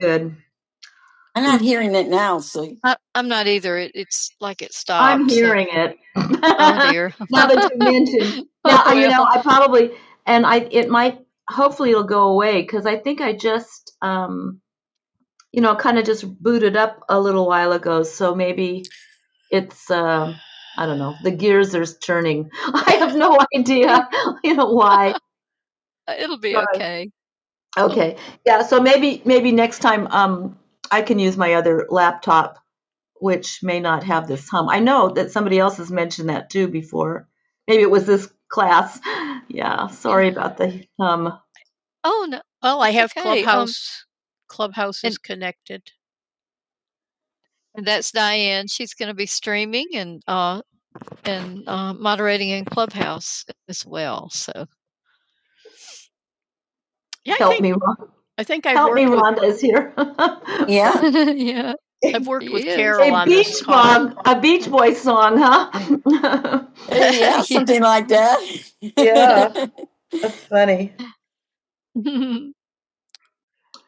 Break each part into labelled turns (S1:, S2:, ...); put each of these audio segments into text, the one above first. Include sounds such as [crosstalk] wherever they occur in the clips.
S1: Good. I'm not hearing it now, so I, I'm not either. It, it's like it stopped. I'm so- hearing so. it. [laughs] Oh dear. [laughs] now that you mentioned, [laughs] yeah, I- you well. know, Well. I probably and I it might hopefully it'll go away because I think I just um you know kind of just booted up a little while ago, so maybe it's uh, I don't know the gears are turning. [laughs] I have no idea, [laughs] you know why. [laughs] Okay. Okay, yeah, so maybe maybe next time um I can use my other laptop which may not have this hum. I know that somebody else has mentioned that too before. Maybe it was this class. [laughs] Yeah, sorry about the hum. Oh no, that's Diane. She's going to be streaming and uh and uh, moderating in Clubhouse as well. So Me Rhonda is here. [laughs] Yeah, [laughs] yeah, A Beach Boys song, huh? [laughs] yeah, something [laughs] like that. [laughs] Yeah. That's funny.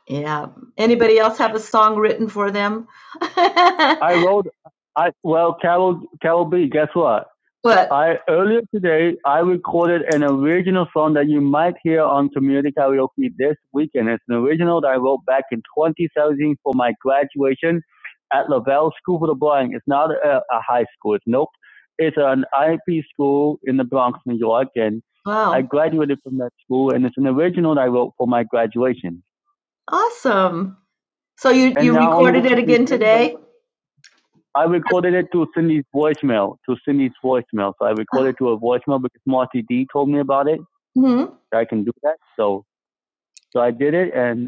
S1: Yeah. Anybody else have a song written for them? [laughs] I wrote, I well, Carol, Carol B. Guess what? What? I earlier today I recorded an original song that you might hear on community karaoke this weekend. It's an original that I wrote back in 2017 for my graduation at Lavelle School for the Blind. It's not a, a high school. It's nope. It's an IEP school in the Bronx, New York, and wow. I wow. graduated from that school. And it's an original that I wrote for my graduation. Awesome. So you, you recorded it again today? I recorded it to Cindy's voicemail, to Cindy's voicemail. So I recorded to a voicemail because Marty D told me about it. hmm that I can do that. So so I did it, and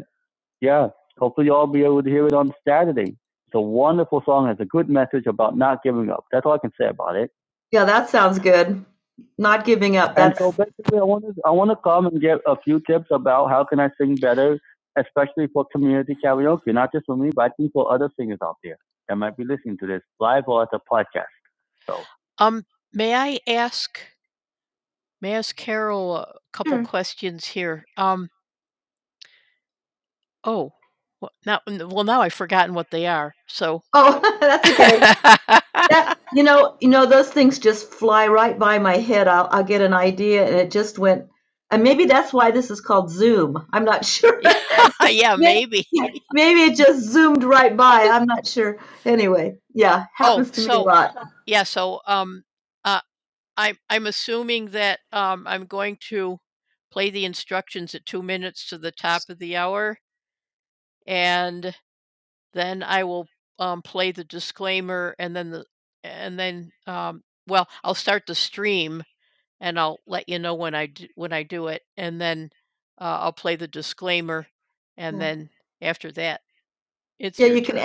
S1: yeah. Hopefully, you'll all be able to hear it on Saturday. It's a wonderful song. It's a good message about not giving up. That's all I can say about it. Yeah, that sounds good. Not giving up. That's... And so basically, I want to I want to come and get a few tips about how can I sing better, especially for community karaoke. Not just for me, but I think for other singers out there that might be listening to this live or as a podcast. So oh, [laughs] that That you know, you know, those things just fly right by my head. I'll I'll get an idea, and it just went. And maybe that's why this is called Zoom. I'm not sure. [laughs] Maybe it just zoomed right by. I'm not sure. Anyway, yeah.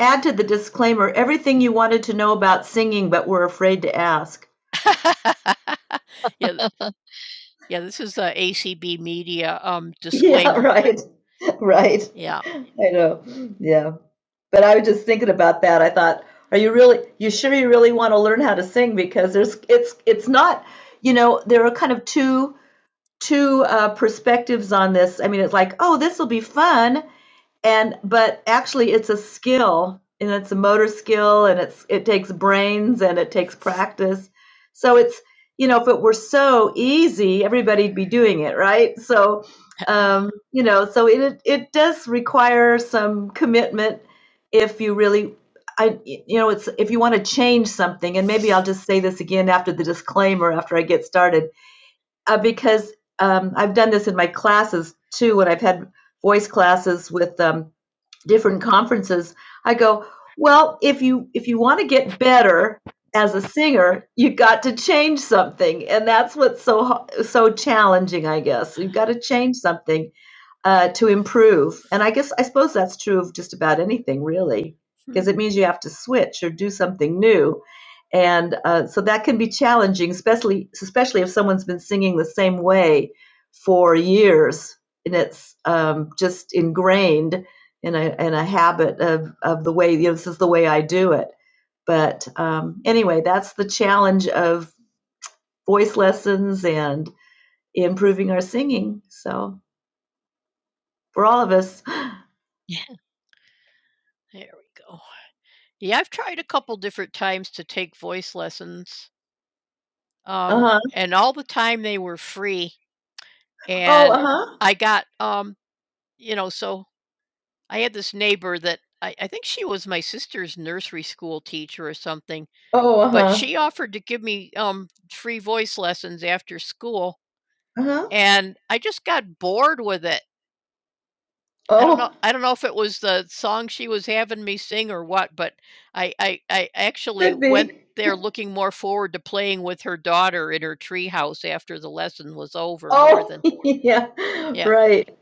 S1: Add to the disclaimer everything you wanted to know about singing, but were afraid to ask. [laughs] Right, right. I know. Yeah. But I was just thinking about that. I thought, are you really, you sure you really want to learn how to sing? Because there's, it's, it's not, you know, there are kind of two two uh, perspectives on this. I mean, it's like, oh, this will be fun, and but actually, it's a skill, and it's a motor skill, and it's it takes brains and it takes practice. So it's you know, if it were so easy, everybody'd be doing it, right? So um, you know, so it it does require some commitment if you really. I, you know, it's if you want to change something, and maybe I'll just say this again after the disclaimer, after I get started uh, because um, I've done this in my classes too. When I've had voice classes with um, different conferences, I go, "Well, if you if you want to get better as a singer, you got to change something," and that's what's so so challenging. I guess you've got to change something uh, to improve, and I guess I suppose that's true of just about anything, really because it means you have to switch or do something new. And uh, so that can be challenging, especially especially if someone's been singing the same way for years and it's um, just ingrained in a in a habit of of the way you know, this is the way I do it. But um, anyway, that's the challenge of voice lessons and improving our singing. So for all of us, yeah. huh? Oh, Uh-huh. oh. [laughs] yeah. Right.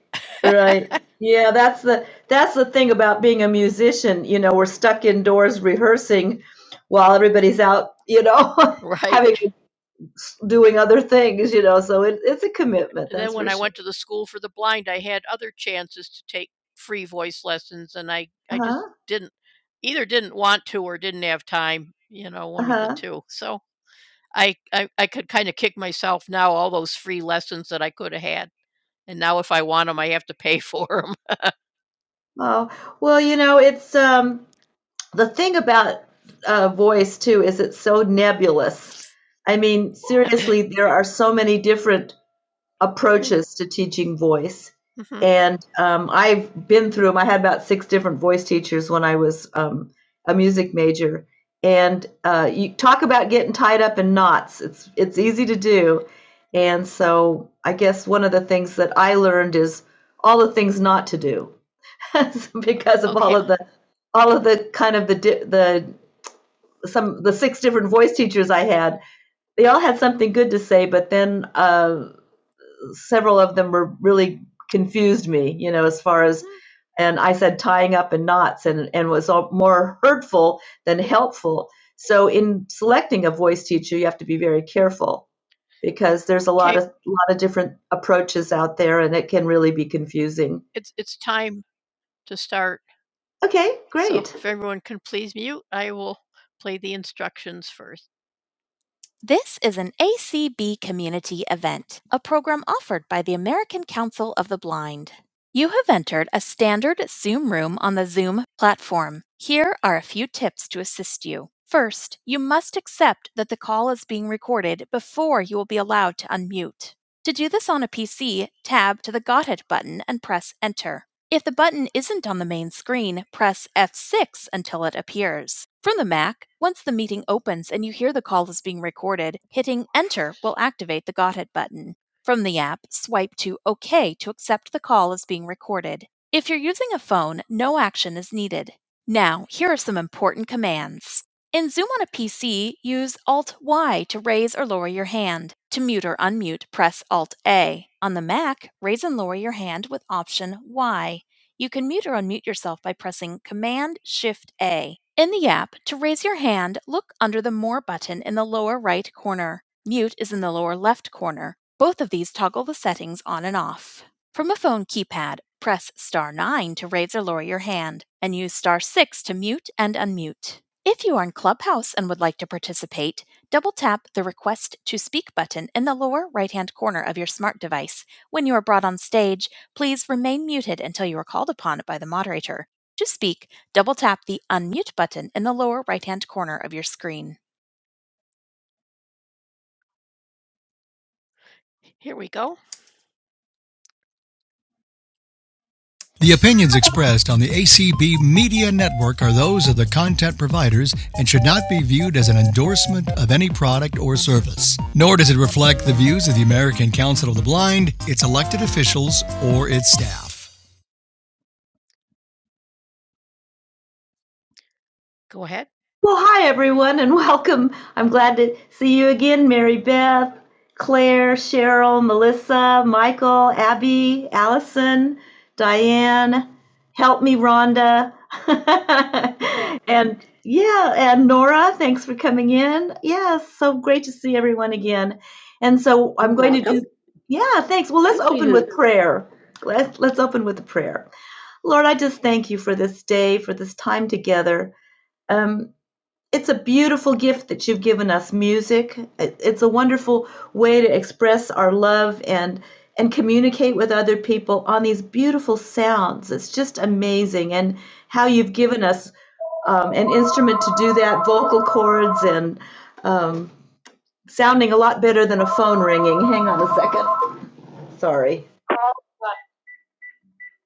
S1: Right. [laughs] Yeah, that's the that's the thing about being a musician, you know, we're stuck indoors rehearsing while everybody's out, you know, [laughs] doing other things, you know, so it, it's a commitment. Oh, well, you know, it's um the thing about uh voice too is it's so nebulous. I mean, seriously, there are so many different approaches to teaching voice. And um, I've been through them. I had about six different voice teachers when I was um, a music major. And uh, you talk about getting tied up in knots. It's it's easy to do. And so I guess one of the things that I learned is all the things not to do [laughs] because of all of the all of the kind of the di- the some the six different voice teachers I had. They all had something good to say, but then uh, several of them were really confused me, you know, as far as and I said tying up in knots and, and was all more hurtful than helpful. So in selecting a voice teacher, you have to be very careful because there's a lot, lot of different approaches out there and it can really be confusing. Okay, The opinions expressed on the ACB Media Network are those of the content providers and should not be viewed as an endorsement of any product or service. Nor does it reflect the views of the American Council of the Blind, its elected officials, or its staff. Well, hi everyone, and [laughs] welcome. I'm glad to see you again, Mary Beth, Claire, Cheryl, Melissa, Michael, Abby, Allison, Diane. Help me, Rhonda. [laughs] and yeah, and Nora, thanks for coming in. Yes, so great to see everyone again. And so I'm going to do, yeah, thanks. Well, let's open with prayer. Let's, let's open with a prayer. Lord, I just thank you for this day, for this time together. Um, it's a beautiful gift that you've given us music it's a wonderful way to express our love and and communicate with other people on these beautiful sounds it's just amazing and how you've given us um, an instrument to do that vocal cords and um, sounding a lot better than a phone ringing hang on a second sorry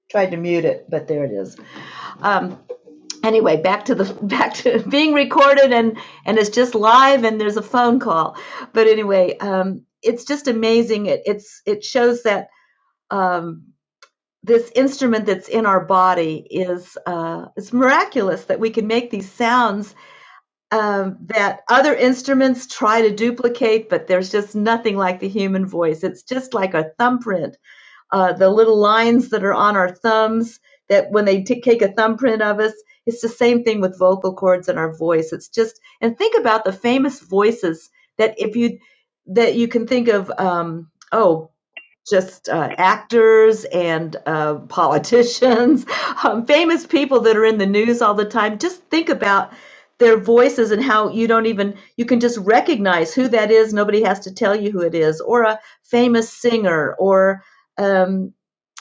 S1: Tried to mute it, but there it is. Um, anyway, back to the [laughs] back to being recorded and and it's just live and there's a phone call. But anyway, um, it's just amazing. It it's it shows that um, this instrument that's in our body is uh, it's miraculous that we can make these sounds um, that other instruments try to duplicate, but there's just nothing like the human voice. It's just like a thumbprint uh, the little lines that are on our thumbs that when they t- take a thumbprint of us it's the same thing with vocal cords and our voice it's just and think about the famous voices that if you that you can think of um, oh just uh, actors and uh, politicians, [laughs] um, famous people that are in the news all the time. Just think about their voices and how you don't even you can just recognize who that is. Nobody has to tell you who it is, or a famous singer, or um,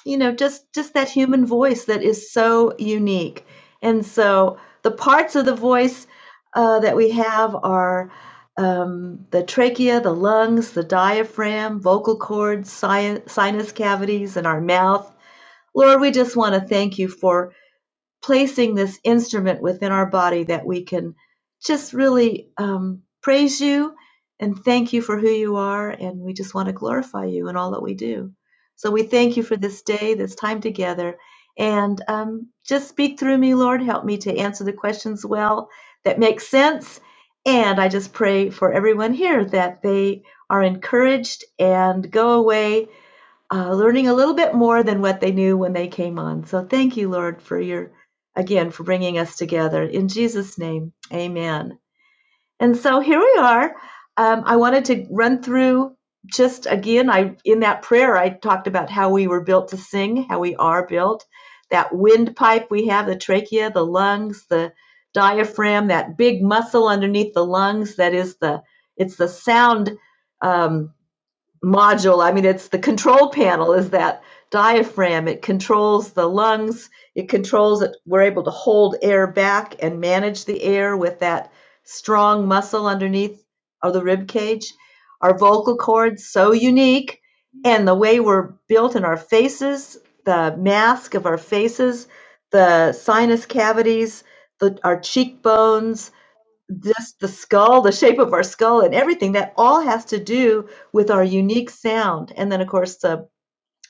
S1: you know, just just that human voice that is so unique. And so the parts of the voice uh, that we have are um, the trachea, the lungs, the diaphragm, vocal cords, si- sinus cavities, and our mouth. Lord, we just want to thank you for placing this instrument within our body that we can just really um, praise you and thank you for who you are. And we just want to glorify you in all that we do. So we thank you for this day, this time together. And um, just speak through me, Lord. Help me to answer the questions well that make sense. And I just pray for everyone here that they are encouraged and go away uh, learning a little bit more than what they knew when they came on. So thank you, Lord, for your again for bringing us together. In Jesus' name, amen. And so here we are. Um, I wanted to run through just again, I in that prayer I talked about how we were built to sing, how we are built, that windpipe we have, the trachea, the lungs, the diaphragm, that big muscle underneath the lungs that is the it's the sound um, module. I mean, it's the control panel is that diaphragm. It controls the lungs. It controls it. We're able to hold air back and manage the air with that strong muscle underneath of the rib cage. Our vocal cords so unique, and the way we're built in our faces, the mask of our faces, the sinus cavities, the, our cheekbones, just the skull, the shape of our skull and everything, that all has to do with our unique sound. And then, of course, the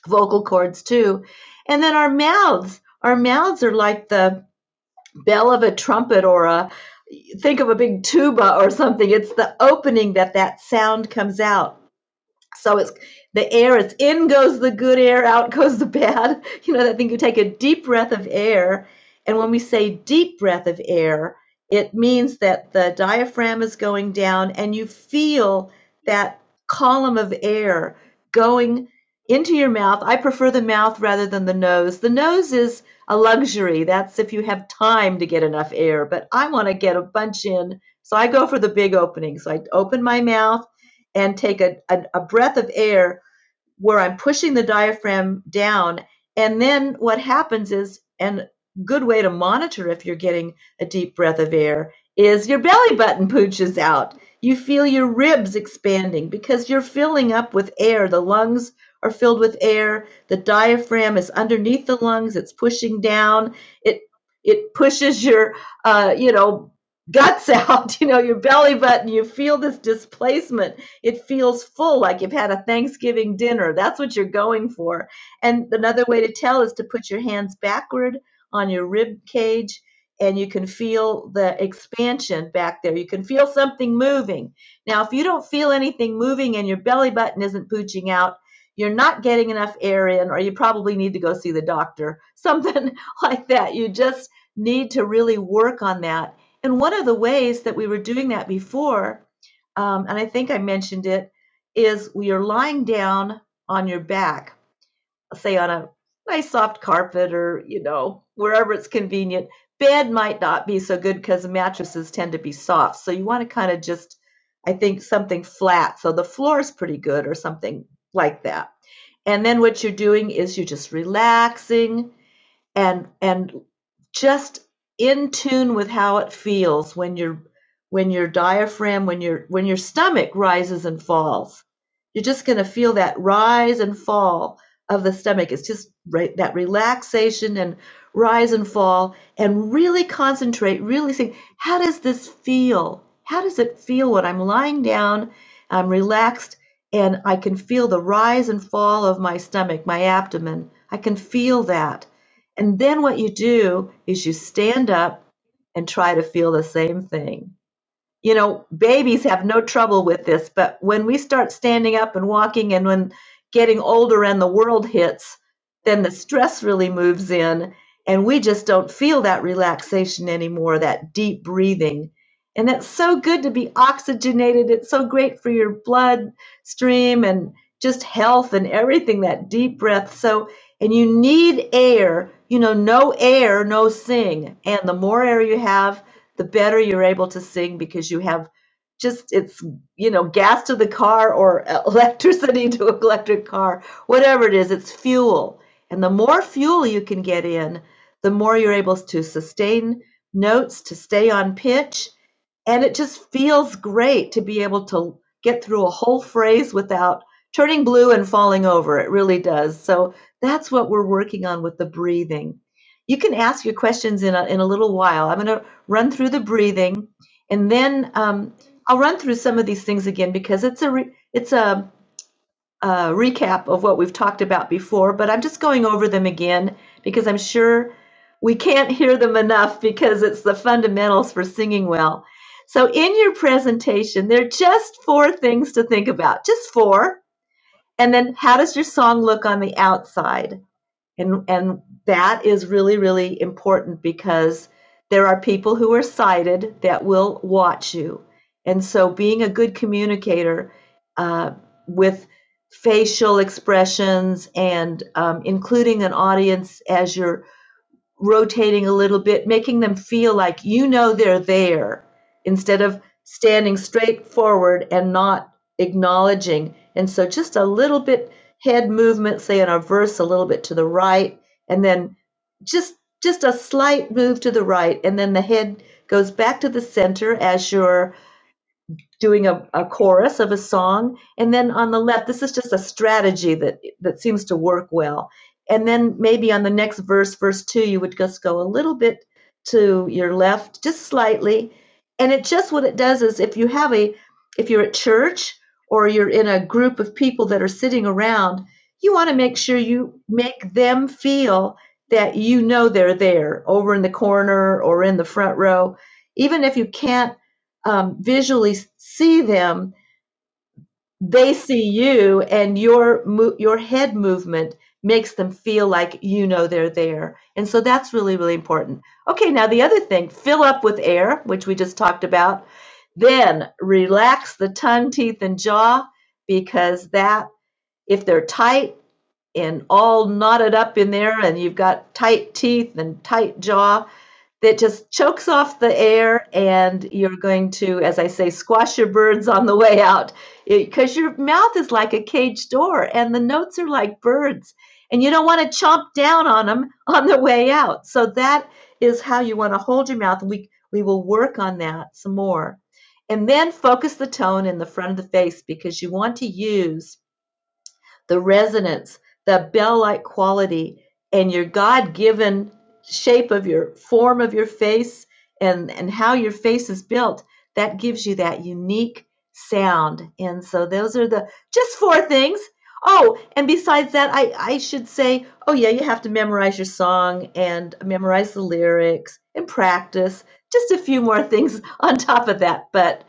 S1: vocal cords too. And then our mouths. Our mouths are like the bell of a trumpet or a think of a big tuba or something. It's the opening that that sound comes out. So it's the air is in goes the good air, out [laughs] goes the bad. You know, that thing you take a deep breath of air. And when we say deep breath of air, it means that the diaphragm is going down and you feel that column of air going into your mouth. I prefer the mouth rather than the nose. The nose is a luxury. That's if you have time to get enough air, but I want to get a bunch in. So I go for the big opening. So I open my mouth and take a, a, a breath of air where I'm pushing the diaphragm down. And then what happens is, and a good way to monitor if you're getting a deep breath of air is your belly button pooches out. You feel your ribs expanding because you're filling up with air. The lungs are filled with air. The diaphragm is underneath the lungs. It's pushing down. It it pushes your uh, you know guts [laughs] out. You know your belly button. You feel this displacement it feels full, like you've had a Thanksgiving dinner. That's what you're going for. And another way to tell is to put your hands backward on your rib cage and you can feel the expansion back there. You can feel something moving. Now, if you don't feel anything moving and your belly button isn't pooching out, you're not getting enough air in, or you probably need to go see the doctor, [laughs] something like that. You just need to really work on that. And one of the ways that we were doing that before um, and I think I mentioned it, is is are lying down on your back, say on a nice soft carpet or, you know, wherever it's convenient. Bed might not be so good because mattresses tend to be soft. So you want to kind of just, I think, something flat. So the floor is pretty good or something like that. And then what you're doing is you're just relaxing and and just in tune with how it feels when your when your diaphragm when your when your stomach rises and falls you're just going to feel that rise and fall of the stomach it's just right that relaxation and rise and fall and really concentrate really think how does this feel how does it feel when i'm lying down i'm relaxed and i can feel the rise and fall of my stomach my abdomen i can feel that and then what you do is you stand up and try to feel the same thing you know, babies have no trouble with this, but when we start standing up and walking and when getting older and the world hits, then the stress really moves in and we just don't feel that relaxation anymore, that deep breathing. And it's so good to be oxygenated. It's so great for your blood stream and just health and everything, that deep breath. So, and you need air, you know, no air, no sing. And the more air you have, the better you're able to sing because you have just it's you know gas to the car or [laughs] electricity to an electric car whatever it is it's fuel and the more fuel you can get in the more you're able to sustain notes to stay on pitch and it just feels great to be able to get through a whole phrase without turning blue and falling over. It really does. So that's what we're working on with the breathing. You can ask your questions in a, in a little while. I'm going to run through the breathing, and then um, I'll run through some of these things again because it's a re- it's a, a recap of what we've talked about before. But I'm just going over them again because I'm sure we can't hear them enough because it's the fundamentals for singing well. So in your presentation, there are just four things to think about, just four. And then how does your song look on the outside? And and that is really, really important because there are people who are sighted that will watch you. And so being a good communicator uh, with facial expressions and um, including an audience as your rotating a little bit, making them feel like you know they're there instead of standing straight forward and not acknowledging. And so just a little bit head movement, say in a verse a little bit to the right, and then just just a slight move to the right, and then the head goes back to the center as you're doing a, a chorus of a song. And then on the left, this is just a strategy that, that seems to work well. And then maybe on the next verse, verse two, you would just go a little bit to your left, just slightly. And it just what it does is if you have a, if you're at church or you're in a group of people that are sitting around, you want to make sure you make them feel that you know they're there over in the corner or in the front row. Even if you can't um, visually see them, they see you, and your mo- your head movement makes them feel like you know they're there. And so that's really really important. Okay, now the other thing, fill up with air, which we just talked about. Then relax the tongue, teeth, and jaw because that if they're tight, and all knotted up in there and you've got tight teeth and tight jaw that just chokes off the air and you're going to as i say squash your birds on the way out because your mouth is like a cage door and the notes are like birds and you don't want to chomp down on them on the way out so that is how you want to hold your mouth we we will work on that some more and then focus the tone in the front of the face because you want to use the resonance, that bell like quality, and your God given shape of your form of your face and, and how your face is built, that gives you that unique sound. And so those are the just four things. Oh, and besides that, I, I should say, oh, yeah, you have to memorize your song and memorize the lyrics and practice. Just a few more [laughs] things on top of that. But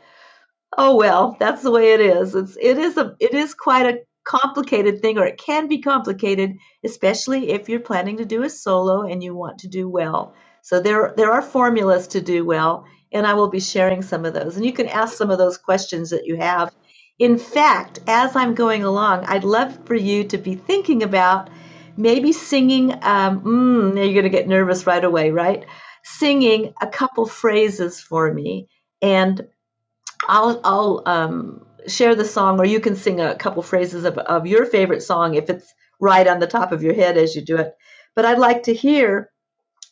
S1: Oh, well, that's the way it is. It's it is a it is quite a complicated thing, or it can be complicated, especially if you're planning to do a solo and you want to do well. So there there are formulas to do well, and I will be sharing some of those. And you can ask some of those questions that you have. In fact, as I'm going along, I'd love for you to be thinking about maybe singing. Um, mm, now you're going to get nervous right away, right? Singing a couple phrases for me. and. I'll I'll um, share the song, or you can sing a couple phrases of, of your favorite song if it's right on the top of your head as you do it. But I'd like to hear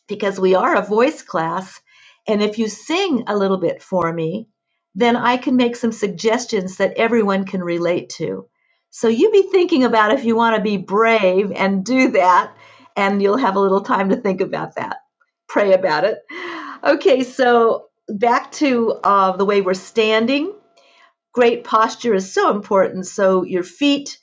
S1: because we are a voice class, and if you sing a little bit for me, then I can make some suggestions that everyone can relate to. So you be thinking about if you want to be brave and do that, and you'll have a little time to think about that. Pray about it. Okay, so back to uh, the way we're standing great posture is so important. So your feet,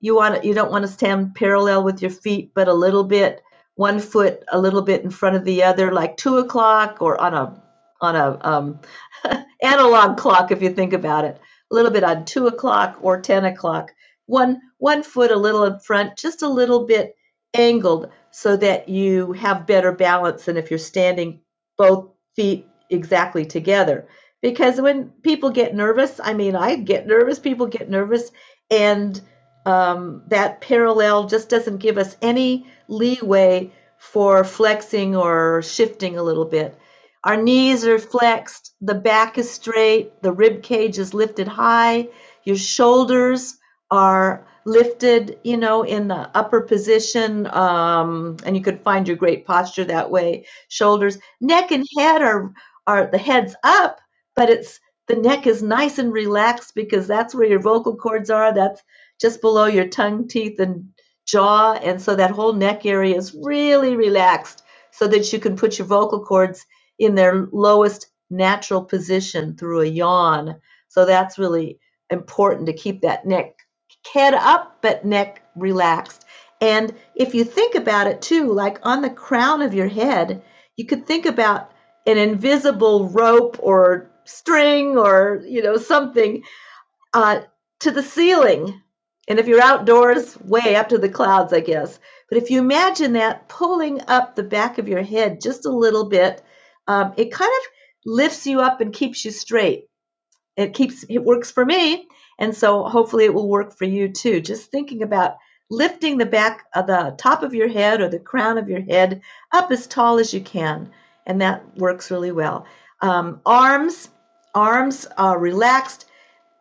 S1: you want you don't want to stand parallel with your feet, but a little bit, one foot a little bit in front of the other, like two o'clock or on a on a um, [laughs] analog clock if you think about it. A little bit on two o'clock or ten o'clock. One one foot a little in front, just a little bit angled, so that you have better balance than if you're standing both feet exactly together because when people get nervous, I mean, I get nervous, people get nervous, and um, that parallel just doesn't give us any leeway for flexing or shifting a little bit. Our knees are flexed, the back is straight, the rib cage is lifted high, your shoulders are lifted, you know, in the upper position, um, and you could find your great posture that way. Shoulders, neck, and head are are the heads up but it's the neck is nice and relaxed because that's where your vocal cords are. That's just below your tongue, teeth, and jaw. And so that whole neck area is really relaxed so that you can put your vocal cords in their lowest natural position through a yawn. So that's really important to keep that neck head up but neck relaxed. And if you think about it too, like on the crown of your head, you could think about an invisible rope or string or you know something uh, to the ceiling and if you're outdoors way up to the clouds i guess but if you imagine that pulling up the back of your head just a little bit um, it kind of lifts you up and keeps you straight it keeps it works for me, and so hopefully it will work for you too. Just thinking about lifting the back of the top of your head or the crown of your head up as tall as you can, and that works really well. Um, arms, arms are relaxed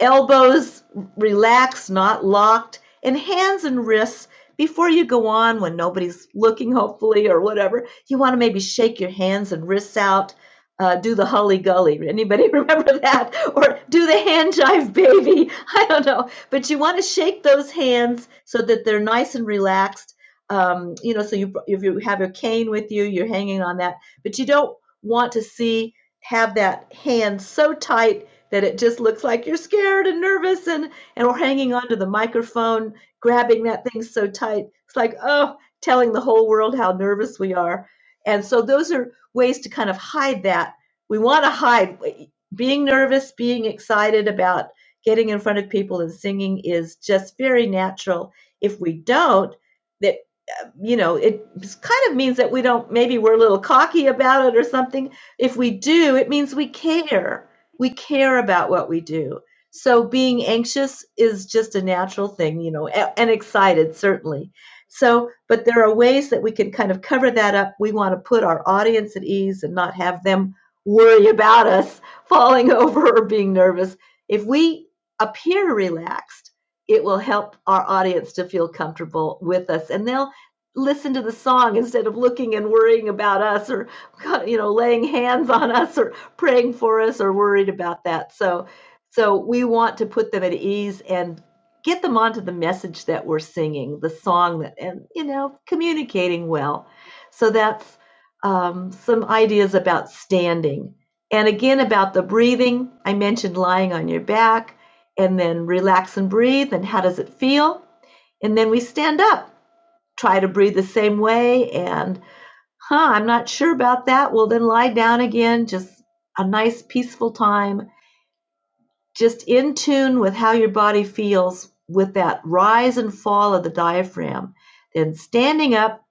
S1: elbows relaxed, not locked, and hands and wrists. Before you go on, when nobody's looking, hopefully, or whatever, you want to maybe shake your hands and wrists out uh, do the Holly Gully. Anybody [laughs] remember that? Or do the hand jive baby. [laughs] I don't know. But you want to shake those hands so that they're nice and relaxed. Um, you know, so you if you have your cane with you, you're hanging on that. But you don't want to see have that hand so tight that it just looks like you're scared and nervous and and we're hanging onto the microphone, grabbing that thing so tight. It's like oh, telling the whole world how nervous we are. And so those are ways to kind of hide that. We want to hide being nervous, being excited about getting in front of people and singing is just very natural. If we don't, that uh, you know, it kind of means that we don't maybe we're a little cocky about it or something. If we do, it means we care. We care about what we do. So being anxious is just a natural thing, you know, and excited certainly. So, but there are ways that we can kind of cover that up. We want to put our audience at ease and not have them worry about us [laughs] falling over or being nervous. If we appear relaxed, it will help our audience to feel comfortable with us and they'll listen to the song instead of looking and worrying about us or you know laying hands on us or praying for us or worried about that so so we want to put them at ease and get them onto the message that we're singing, the song, that, and you know, communicating well. So that's um, some ideas about standing. And again, about the breathing, I mentioned lying on your back and then relax and breathe. And how does it feel? And then we stand up, try to breathe the same way. And, huh, I'm not sure about that. Well, then lie down again, just a nice, peaceful time just in tune with how your body feels with that rise and fall of the diaphragm, then standing up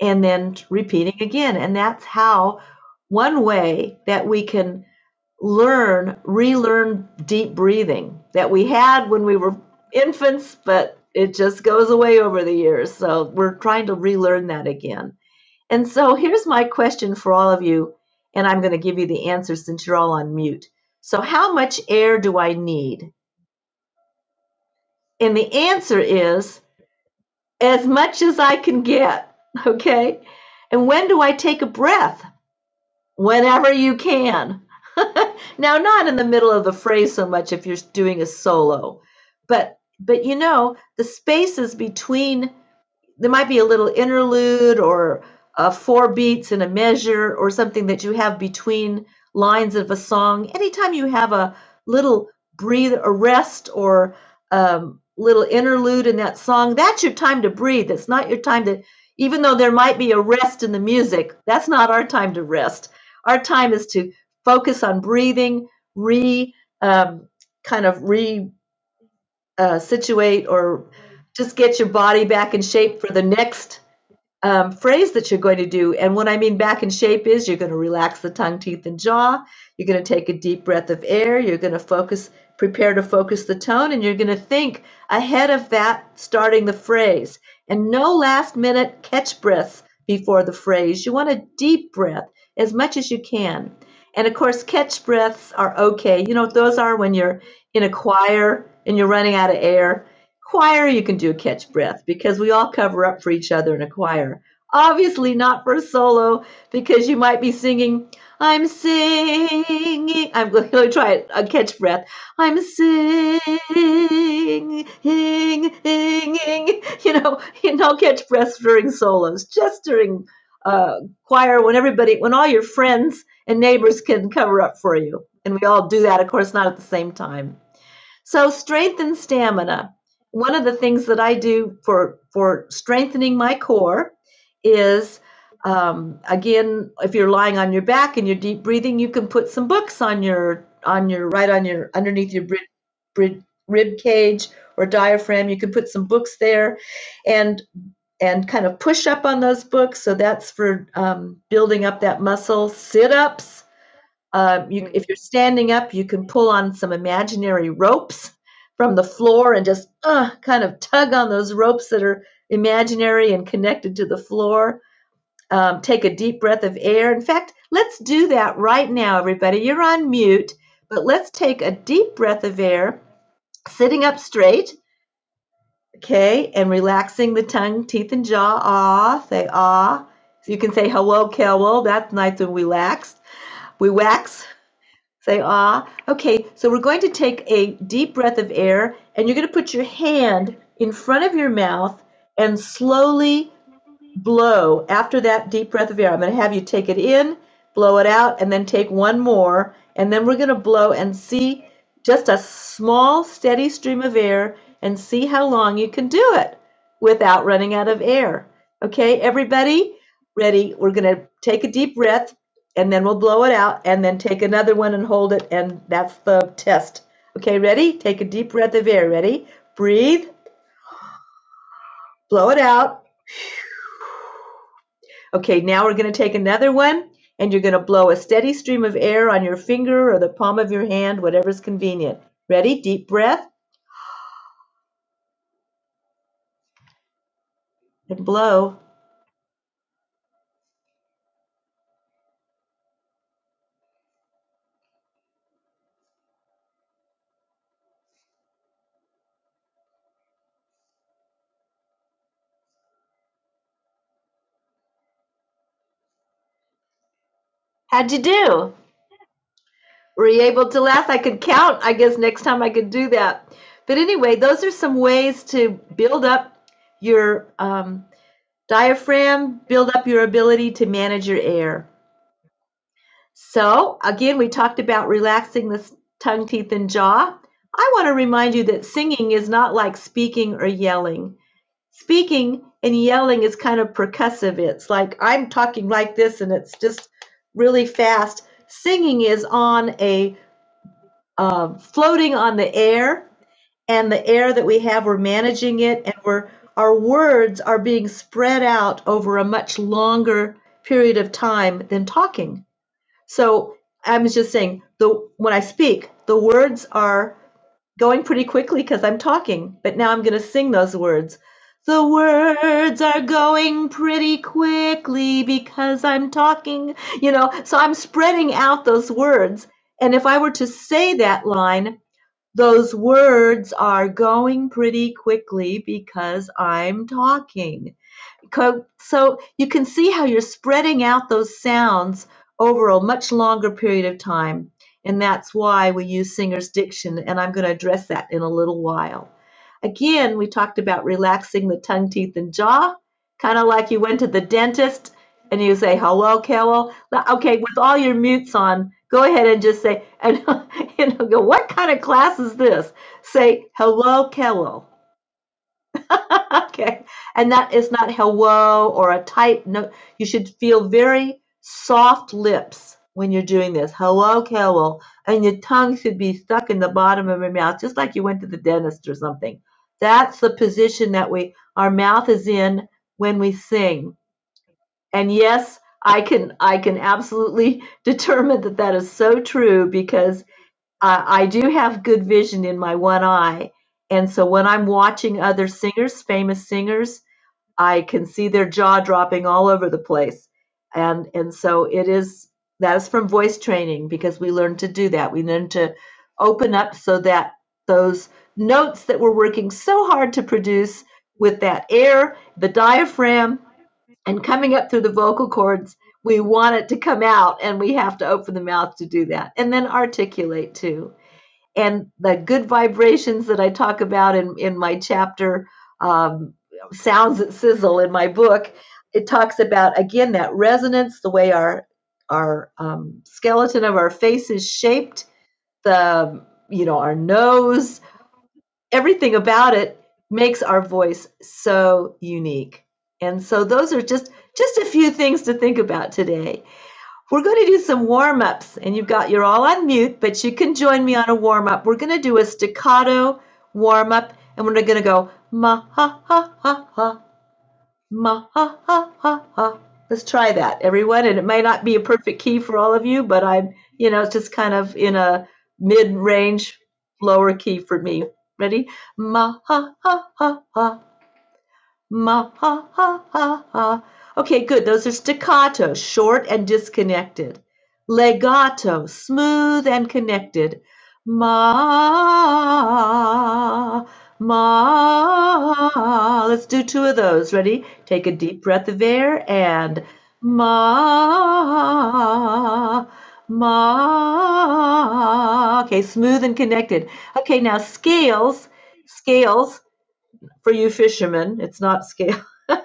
S1: and then repeating again. And that's how one way that we can learn, relearn deep breathing that we had when we were infants, but it just goes away over the years. So we're trying to relearn that again. And so [laughs] here's my question for all of you, and I'm going to give you the answer since you're all on mute. So, how much air do I need? And the answer is as much as I can get, [laughs] okay? And when do I take a breath? Whenever you can. [laughs] now, not in the middle of the phrase so much if you're doing a solo, but but you know, the spaces between there might be a little interlude or uh, four beats in a measure or something that you have between lines of a song. Anytime you have a little breathe, a rest, or um, little interlude in that song, that's your time to breathe. It's not your time to, even though there might be a rest in the music, that's not our time to rest. Our time is to focus on breathing, re um, kind of re uh, situate or just get your body back in shape for the next um, phrase that you're going to do. And what I mean back in shape is you're going to relax the tongue, teeth, and jaw. You're going to take a deep breath of air. You're going to focus, prepare to focus the tone, and you're going to think ahead of that, starting the phrase. And no last minute catch breaths before the phrase. You want a deep breath as much as you can. And of course, catch breaths are okay. You know, what those are when you're in a choir and you're running out of air Choir, you can do a catch breath because we all cover up for each other in a choir. Obviously, not for a solo because you might be singing, I'm singing. I'm [laughs] going to try it, a catch breath. I'm singing. [laughs] You know, no catch breaths during solos, just during uh, choir when everybody, when all your friends and neighbors can cover up for you. And we all do that, of course, not at the same time. So, strength and stamina one of the things that I do for for strengthening my core is um, again, if you're lying on your back and you're deep breathing, you can put some books on your on your right on your underneath your rib, rib, rib cage or diaphragm. You can put some books there, and and kind of push up on those books. So that's for um, building up that muscle. Sit ups um, you, if you're standing up, you can pull on some imaginary ropes from the floor and just uh, kind of tug on those ropes that are imaginary and connected to the floor. Um, take a deep breath of air. In fact, let's do that right now, everybody. You're on mute, but let's take a deep breath of air, sitting up straight, okay, and relaxing the tongue, teeth, and jaw. Ah, say ah. So you can say hello, Kelwo. That's nice and relaxed. We wax Say ah. Okay, so we're going to take a deep breath of air and you're going to put your hand in front of your mouth and slowly blow. After that deep breath of air, I'm going to have you take it in, blow it out, and then take one more. And then we're going to blow and see just a small, steady stream of air and see how long you can do it without running out of air. Okay, everybody, ready? We're going to take a deep breath and then we'll blow it out and then take another one and hold it. And that's the test. Okay, ready? Take a deep breath of air. Ready? Breathe, blow it out. Okay, now we're going to take another one and you're going to blow a steady stream of air on your finger or the palm of your hand, whatever's convenient. Ready? Deep breath and blow. How'd you do? Were you able to laugh? I could count. I guess next time I could do that. But anyway, those are some ways to build up your um, diaphragm, build up your ability to manage your air. So, again, we talked about relaxing the tongue, teeth, and jaw. I want to remind you that singing is not like speaking or yelling. Speaking and yelling is kind of percussive. It's like I'm talking like this and it's just really fast. Singing is on a uh, floating on the air, and the air that we have, we're managing it, and we're our words are being spread out over a much longer period of time than talking. So I was just saying the when I speak, the words are going pretty quickly because I'm talking, but now I'm going to sing those words. The words are going pretty quickly because I'm talking, you know. So I'm spreading out those words. And if I were to say that line, those words are going pretty quickly because I'm talking. So you can see how you're spreading out those sounds over a much longer period of time. And that's why we use singer's diction. And I'm going to address that in a little while. Again, we talked about relaxing the tongue, teeth, and jaw, kind of like you went to the dentist and you say, hello, Carol. Okay, with all your mutes on, go ahead and just say, [laughs] and you know, go, what kind of class is this? Say, hello, Carol. [laughs] Okay. And that is not hello or a type. No, you should feel very soft lips when you're doing this. Hello, Carol. And your tongue should be stuck in the bottom of your mouth, just like you went to the dentist or something. That's the position that we our mouth is in when we sing. And yes, I can I can absolutely [laughs] determine that that is so true because I, I do have good vision in my one eye. And so when I'm watching other singers, famous singers, I can see their jaw dropping all over the place. And and so it is that is from voice training because we learn to do that. We learn to open up so that those notes that we're working so hard to produce with that air, the diaphragm, and coming up through the vocal cords, we want it to come out and we have to open the mouth to do that and then articulate too and the good vibrations that I talk about in, in my chapter, um, Sounds That Sizzle in my book, it talks about again that resonance, the way our our um, skeleton of our face is shaped, the you know our nose, everything about it makes our voice so unique. And so those are just just a few things to think about today. We're going to do some warm ups, and you've got, you're all on mute, but you can join me on a warm up. We're going to do a staccato warm up, and we're going to go ma ha ha ha ha, ma ha ha ha ha. Let's try that, everyone. And it may not be a perfect key for all of you, but I'm, you know, it's just kind of in a mid range, lower key for me. Ready? Ma ha ha ha ha ma, ha, ha, ha, ha. Okay, good. Those are staccato, short and disconnected. Legato, smooth and connected. Ma, ma. Let's do two of those. Ready? Take a deep breath of air and ma, ma. Okay, smooth and connected. Okay, now scales, scales for you fishermen. It's not scale. [laughs]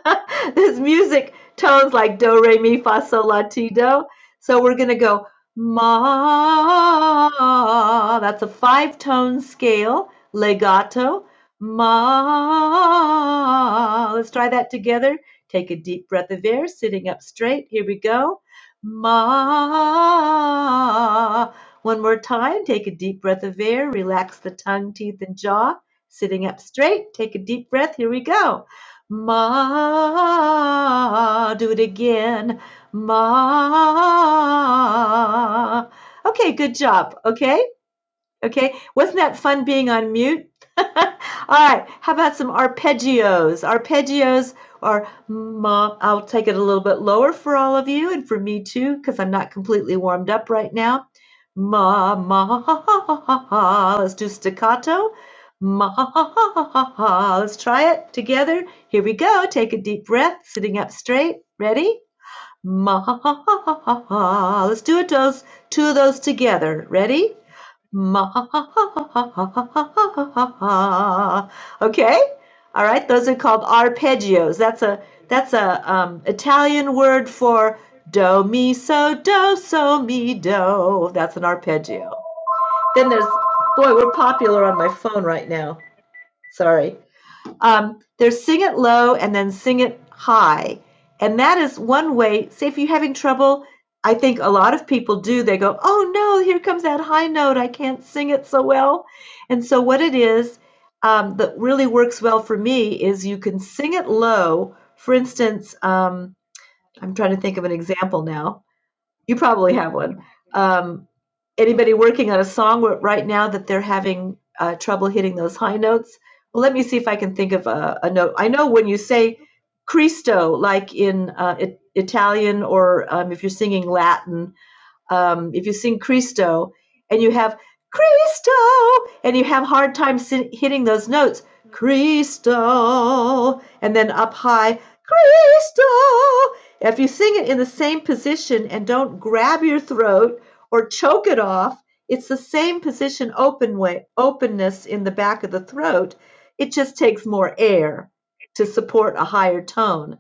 S1: this music tones like do, re, mi, fa, sol, la, ti, do. So we're going to go ma. That's a five tone scale, legato. Ma. Let's try that together. Take a deep breath of air, sitting up straight. Here we go. Ma. One more time. Take a deep breath of air. Relax the tongue, teeth, and jaw. Sitting up straight, take a deep breath. Here we go. Ma, do it again. Ma. Okay, good job. Okay, Okay, wasn't that fun being on mute? [laughs] All right, how about some arpeggios? Arpeggios are ma. I'll take it a little bit lower for all of you and for me too, because I'm not completely warmed up right now. Ma ma ha ha ha ha. ha. Let's do staccato. Ma ha ha ha ha ha. Let's try it together. Here we go. Take a deep breath, sitting up straight. Ready? Ma ha ha ha ha ha ha. Let's do it those two of those together. Ready? Ma ha ha ha ha ha ha ha ha ha ha Okay? All right, those are called arpeggios. That's a that's a um, Italian word for do mi so do so mi do. That's an arpeggio. Then there's boy, we're popular on my phone right now. Sorry. Um, there's sing it low and then sing it high. And that is one way. Say, if you're having trouble, I think a lot of people do. They go, oh no, here comes that high note. I can't sing it so well. And so, what it is um, that really works well for me is you can sing it low. For instance, um, I'm trying to think of an example now. You probably have one. Um, anybody working on a song right now that they're having uh, trouble hitting those high notes? Well, let me see if I can think of a, a note. I know when you say Cristo, like in uh, it, Italian, or um, if you're singing Latin, um, if you sing Cristo and you have Cristo and you have hard time si- hitting those notes, Cristo, and then up high, Cristo. If you sing it in the same position and don't grab your throat or choke it off, it's the same position open way, openness in the back of the throat. It just takes more air to support a higher tone.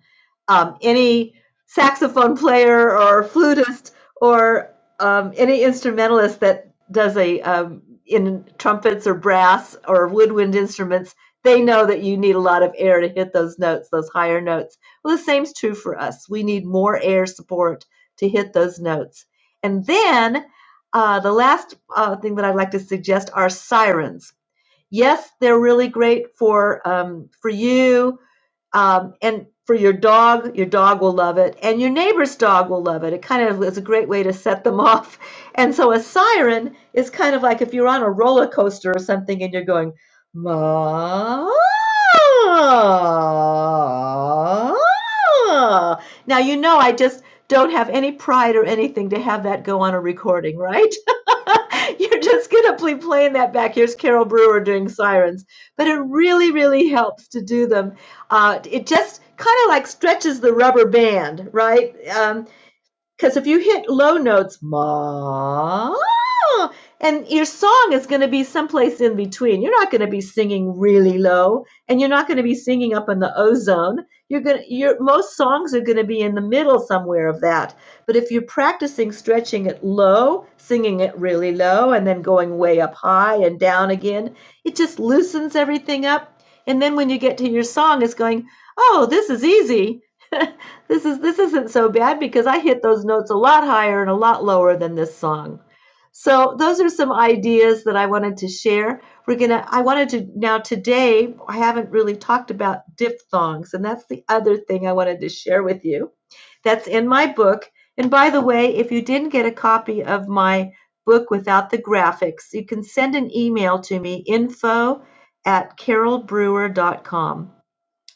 S1: Um, any saxophone player or flutist or um, any instrumentalist that does a um, in trumpets or brass or woodwind instruments, they know that you need a lot of air to hit those notes, those higher notes. Well, the same's true for us. We need more air support to hit those notes. And then uh, the last uh, thing that I'd like to suggest are sirens. Yes, they're really great for um, for you um, and for your dog. Your dog will love it, and your neighbor's dog will love it. It kind of is a great way to set them [laughs] off. And so a siren is kind of like if you're on a roller coaster or something, and you're going ma. Now you know I just don't have any pride or anything to have that go on a recording, right? [laughs] You're just going to be playing that back. Here's Carol Brewer doing sirens. But it really, really helps to do them. Uh, it just kind of like stretches the rubber band, right? Um, because if you hit low notes, ma, and your song is going to be someplace in between. You're not going to be singing really low, and you're not going to be singing up in the ozone. You're going to, your most songs are going to be in the middle somewhere of that. But if you're practicing stretching it low, singing it really low, and then going way up high and down again, it just loosens everything up. And then when you get to your song, it's going, oh, this is easy. [laughs] this is this isn't so bad because I hit those notes a lot higher and a lot lower than this song. So those are some ideas that I wanted to share. We're gonna I wanted to now today I haven't really talked about diphthongs, and that's the other thing I wanted to share with you. That's in my book. And by the way, if you didn't get a copy of my book without the graphics, you can send an email to me, info at carol brewer dot com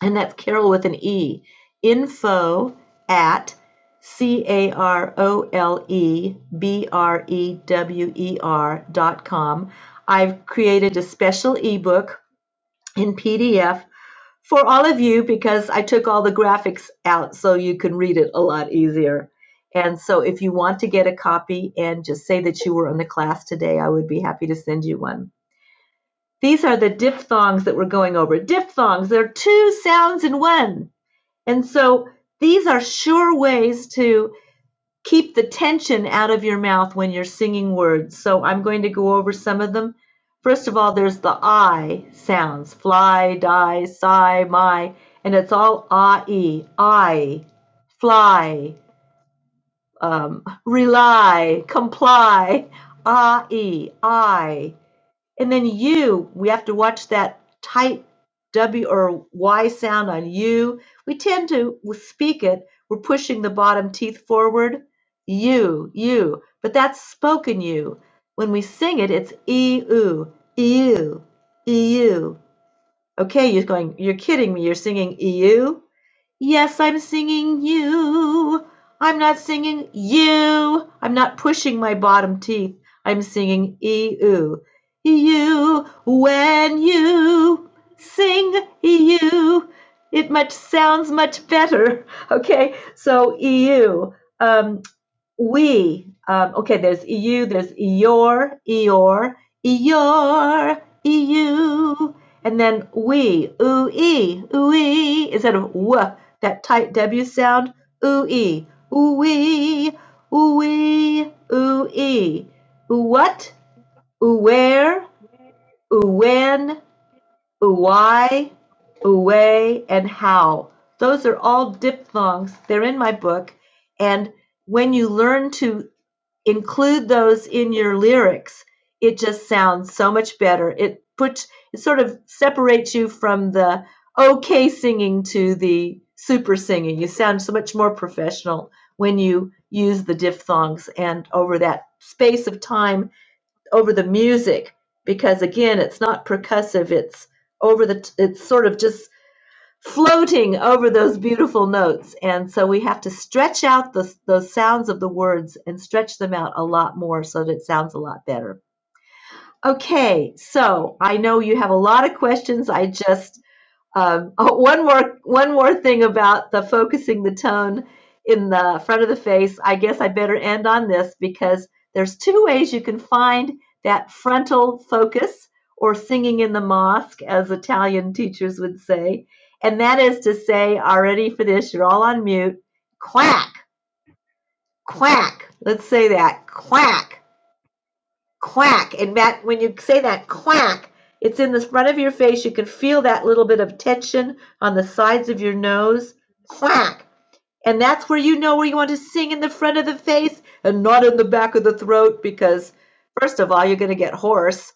S1: and that's Carol with an E. Info at C A R O L E B R E W E R dot com. I've created a special ebook in PDF for all of you because I took all the graphics out so you can read it a lot easier. And so if you want to get a copy and just say that you were in the class today, I would be happy to send you one. These are the diphthongs that we're going over. Diphthongs, they're two sounds in one. And so these are sure ways to keep the tension out of your mouth when you're singing words. So I'm going to go over some of them. First of all, there's the I sounds fly, die, sigh, my, and it's all I E I, fly, um, rely, comply, I E I. And then U, we have to watch that tight W or Y sound on U. We tend to speak it, we're pushing the bottom teeth forward. U, U. But that's spoken U. When we sing it, it's E U, E U, E U. Okay, you're going, you're kidding me, you're singing e u. Yes, I'm singing you. I'm not singing you. I'm not pushing my bottom teeth. I'm singing eu. You, when you sing you, it much sounds much better. [laughs] Okay, so eu. Um, we um, okay there's eu there's your eor eor eu and then we oo e oo e instead of w that tight w sound oo e oo we oo we oo e oo what oo where oo when Uwai, uway, and how. Those are all diphthongs. They're in my book. And when you learn to include those in your lyrics, it just sounds so much better. It puts it sort of separates you from the okay singing to the super singing. You sound so much more professional when you use the diphthongs and over that space of time over the music because again, it's not percussive. It's over the. It's sort of just floating over those beautiful notes, and so we have to stretch out the those sounds of the words and stretch them out a lot more so that it sounds a lot better. Okay, so I know you have a lot of questions. I just um, [laughs] oh, one more one more thing about the focusing the tone in the front of the face. I guess I better end on this because there's two ways you can find that frontal focus or singing in the mosque, as Italian teachers would say, and that is to say, are ready for this? You're all on mute. Quack, quack. Let's say that. Quack quack. And Matt, when you say that quack, it's in the front of your face. You can feel that little bit of tension on the sides of your nose. Quack. And that's where you know where you want to sing in the front of the face and not in the back of the throat because, first of all, you're going to get hoarse.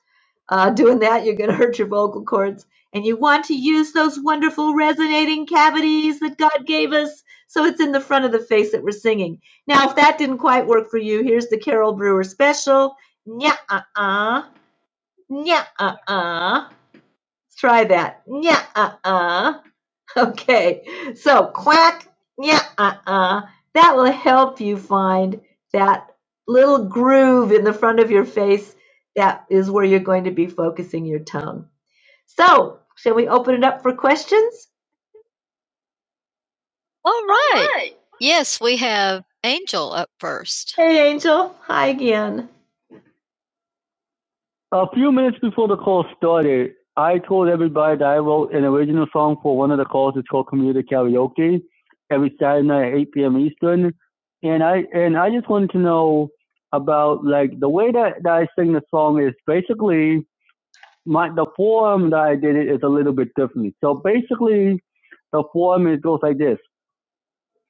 S1: Uh, doing that, you're going to hurt your vocal cords. And you want to use those wonderful resonating cavities that God gave us. So it's in the front of the face that we're singing. Now, if that didn't quite work for you, here's the Carol Brewer special. Nya uh uh. Nya uh uh. Try that. Nya uh uh. [laughs] Okay, so quack, yeah, uh-uh. That will help you find that little groove in the front of your face. That is where you're going to be focusing your tongue. So, shall we open it up for questions? All right. All right. right. Yes, we have Angel up first. Hey, Angel. Hi again. A few minutes before the call started, I told everybody that I wrote an original song for one of the calls to Talk Community Karaoke every Saturday night at 8 p.m. Eastern. And I and I just wanted to know about like the way that, that I sing the song is basically my the form that I did it is a little bit different. So basically the form it goes like this.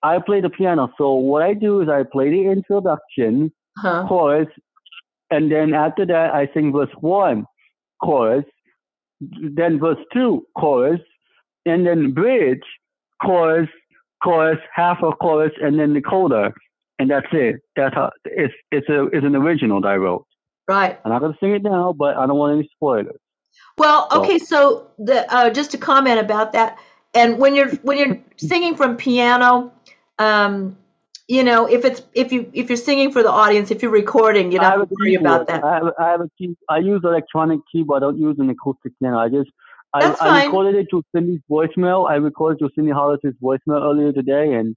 S1: I play the piano. So what I do is I play the introduction Huh? chorus, and then after that I sing verse one chorus, then verse 2 chorus and then bridge chorus chorus half a chorus and then the coda and that's it that's how it's it's a it's an original that i wrote Right. i'm not going to sing it now but i don't want any spoilers well, So okay, so the uh, just a comment about that. And when you're when you're [laughs] singing from piano, um, you know, if it's if you if you're singing for the audience, if you're recording, you don't have to worry about that. I have, I have a key. I use electronic keyboard. I don't use an acoustic piano. I just I, That's fine. I recorded it to Cindy's voicemail. I recorded to Cindy Hollis's voicemail earlier today, and.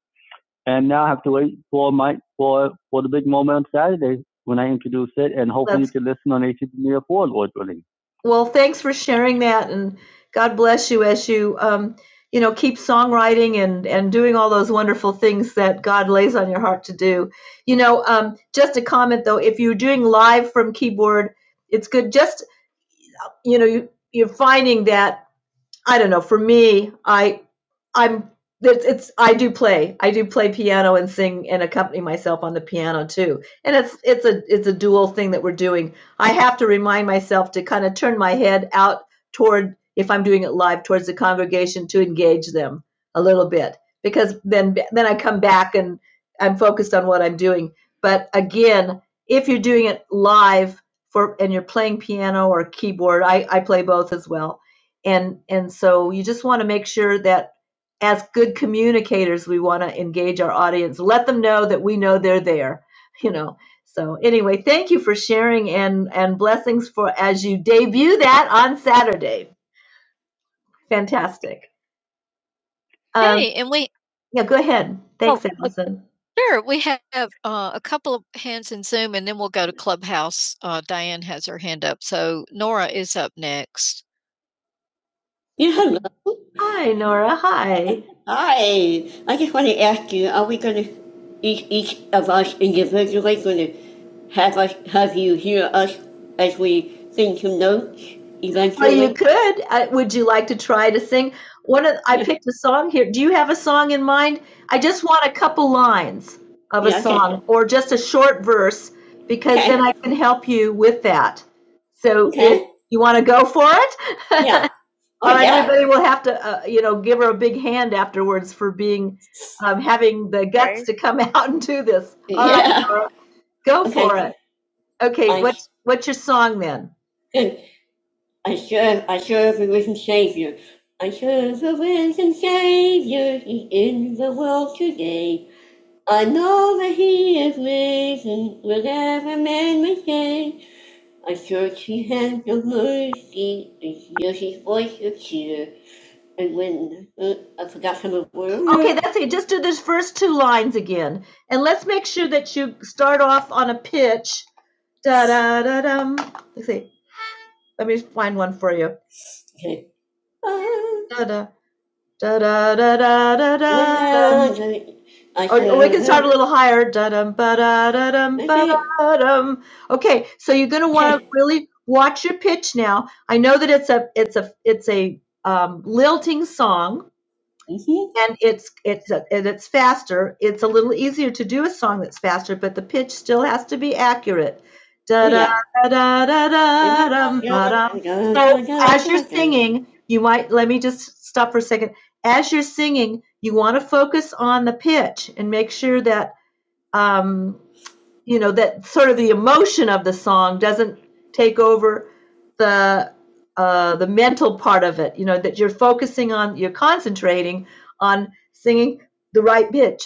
S1: And now I have to wait for my for for the big moment on Saturday when I introduce it, and hopefully That's you can listen on HTTP Media 4, Lord willing. Well, thanks for sharing that, and God bless you as you, um, you know, keep songwriting and and doing all those wonderful things that God lays on your heart to do. You know, um, just a comment though, if you're doing live from keyboard, it's good. Just you know, you you're finding that I don't know. For me, I I'm it's, it's I do play. I do play piano and sing and accompany myself on the piano too. And it's it's a it's a dual thing that we're doing. I have to remind myself to kind of turn my head out toward if I'm doing it live towards the congregation to engage them a little bit because then then I come back and I'm focused on what I'm doing. But again, if you're doing it live for and you're playing piano or keyboard, I I play both as well and and so you just want to make sure that as good communicators we want to engage our audience let them know that we know they're there [laughs] you know so anyway thank you for sharing and and blessings for as you debut that on saturday fantastic um, Hey, and we yeah go ahead oh thanks uh, allison sure we have uh, a couple of hands in Zoom, and then we'll go to Clubhouse. Uh, Diane has her hand up, so Nora is up next. Hello. Hi, Nora. Hi. Hi, I just want to ask you, are we going to, each, each of us individually going to have us, have you hear us as we sing some notes Well, you eventually? could. I, would you like to try to sing? One of I Yeah, picked a song here. Do you have a song in mind? I just want a couple lines of a Yeah, okay, song or just a short verse because then okay, I can help you with that. So, if okay, you want to go for it? [laughs] All right, Oh, right, yeah. everybody will have to, uh, you know, give her a big hand afterwards for being, um, having the guts Right. to come [laughs] out and do this. All right, Yeah. Laura, Go Okay. for it. Okay, I- what's, what's your song then? I serve, I serve a risen Savior. I serve a risen Savior. He's in the world today. I know that he is risen, will ever man mistake. I search his hands of mercy, and hear his voice of cheer. And when uh, I forgot some of the Okay, words, that's it. Just do those first two lines again. And let's make sure that you start off on a pitch. Da da da dum. Let's see. Let me find one for you. okay. Ah, Da da. Da da da da da da Or, or we can start a little higher. Da-dum, ba-da-da-dum, okay, ba-da-dum. Okay, so you're going to want to okay, really watch your pitch now. I know that it's a it's a it's a um, lilting song, hmm and it's it's a, and it's faster. It's a little easier to do a song that's faster, but the pitch still has to be accurate. Da da Yeah. da da da da So as you're [laughs] singing, you might let me just stop for a second. As you're singing, you want to focus on the pitch and make sure that um, you know that sort of the emotion of the song doesn't take over the uh, the mental part of it you know that you're focusing on you're concentrating on singing the right bit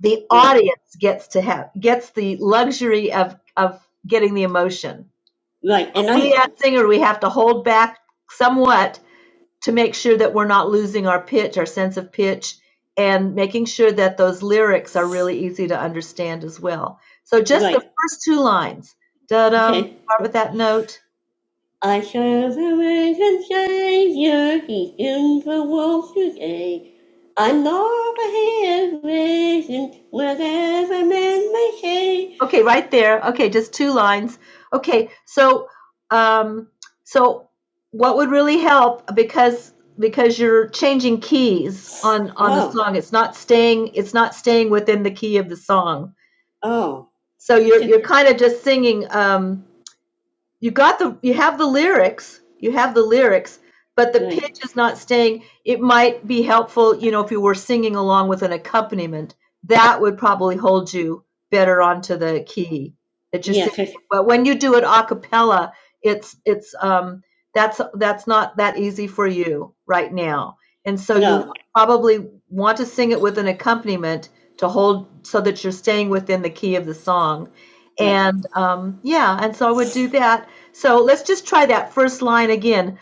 S1: the audience gets to have gets the luxury of of getting the emotion Right. And we as singer we have to hold back somewhat to make sure that we're not losing our pitch, our sense of pitch, and making sure that those lyrics are really easy to understand as well. So just right. the Right. first two lines, da da, Okay. start with that note. I serve a risen Savior, He in the world today. I'm not a hand risen, whatever man may say. Okay, right there. Okay, just two lines. Okay, so, um, so what would really help because because you're changing keys on on the Oh. song. It's not staying. It's not staying within the key of the song. Oh. So you're you're kind of just singing. Um, you got the you have the lyrics you have the lyrics but the Right. pitch is not staying it might be helpful you know if you were singing along with an accompaniment that would probably hold you better onto the key It just are Yes, but when you do it a cappella it's it's um that's that's not that easy for you right now and so no. you no, probably want to sing it with an accompaniment to hold so that you're staying within the key of the song right. and um, yeah and so i would do that so let's just try that first line again.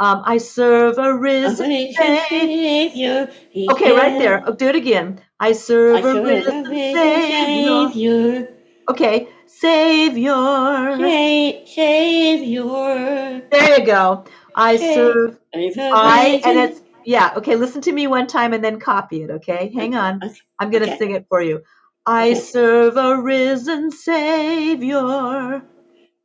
S1: Um, I serve a risen Savior. Okay, right there. I'll do it again. I serve a serve a risen Savior. Savior. Okay, Savior. Sa- Savior. There you go. I serve. i and it's yeah. Okay, listen to me one time and then copy it. Okay, hang on. Okay. I'm gonna Okay. sing it for you. I Okay. serve a risen Savior.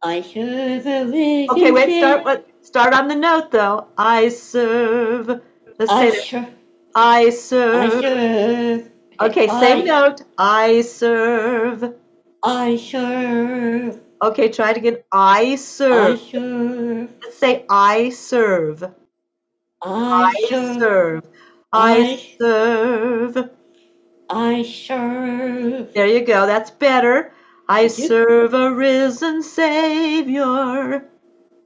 S1: I serve a risen Okay, wait. Start. What? Start on the note though. I serve. Let's I say that. serve. I I serve. serve. Okay, Okay, same I note. I serve. I serve. Okay, try it again. I I serve. serve. Let's say I serve. I I serve. serve. I I serve. I serve. There you go. That's better. I serve a risen Savior.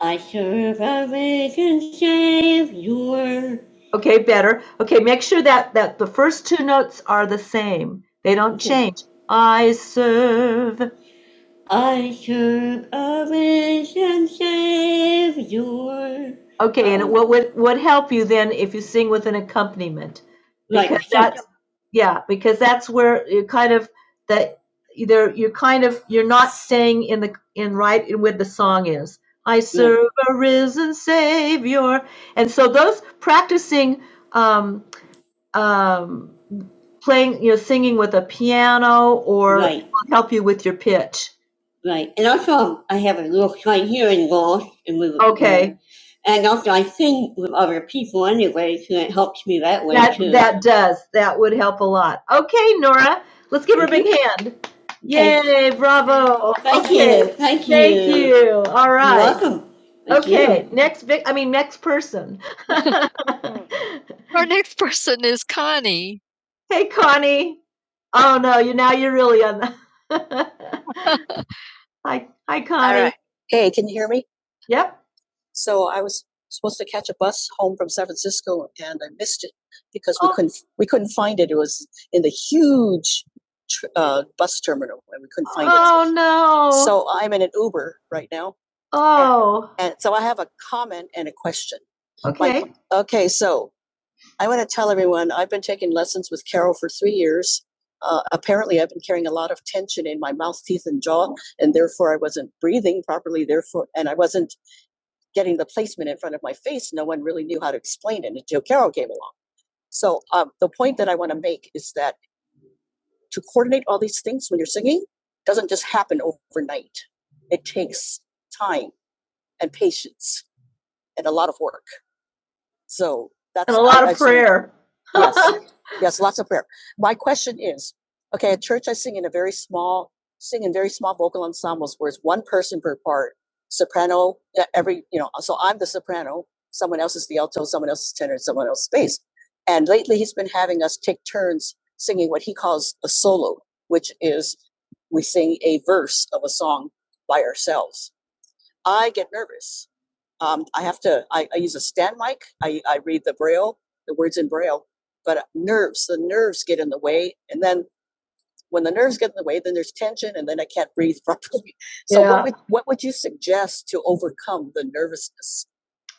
S1: I serve a risen Savior. Okay, better. Okay, make sure that, that the first two notes are the same. They don't Okay. change. I serve I serve a risen Savior. Okay, and Oh, what would would help you then if you sing with an accompaniment? like Because that's yeah, because that's where you kind of that either you're kind of you're not staying in the in right in where the song is. I Yeah. serve a risen Savior, and so those practicing um, um, playing, you know, singing with a piano or Right, help you with your pitch. right. And also, I have a little slight hearing loss. And we Okay. Going. And also, I sing with other people anyway, so it helps me that way That too. that does. That would help a lot. Okay, Nora. Let's give her a hmm big hand. Okay. Yay, bravo. Thank you. Okay. Thank Thank you. Thank you. All right. You're right. welcome. Thank you. Okay, you. next vic I mean next person. [laughs] Our next person is Connie. Hey, Connie. Oh no, you now you're really on the. [laughs] Hi, hi, Connie. All right. Connie. Hey, can you hear me? Yep. So I was supposed to catch a bus home from San Francisco and I missed it because oh. we Oh. couldn't we couldn't find it. It was in the huge uh, bus terminal and we couldn't find Oh it. Oh no. So I'm in an Uber right now. Oh, And and so I have a comment and a question. Like, okay. Like, okay, so I want to tell everyone I've been taking lessons with Carol for three years. Uh, apparently, I've been carrying a lot of tension in my mouth, teeth, and jaw, and therefore I wasn't breathing properly. Therefore, and I wasn't getting the placement in front of my face. No one really knew how to explain it until Carol came along. So, um, the point that I want to make is that to coordinate all these things when you're singing doesn't just happen overnight. It takes time and patience and a lot of work. So that's And a lot I of see- prayer. Sing, Yes, [laughs] yes, lots of prayer. My question is, okay, at church I sing in a very small, sing in very small vocal ensembles where it's one person per soprano, you know, so I'm the soprano space. And lately he's been having us take turns singing what he calls a solo, which is we sing a verse of a song by ourselves. I get nervous. Um, I have to, I, I use a stand mic, I, I read the braille, the words in braille, but nerves, the nerves get in the way. And then when the nerves get in the way, then there's tension, and then I can't breathe [laughs] properly. So Yeah. what would what would you suggest? Nervousness.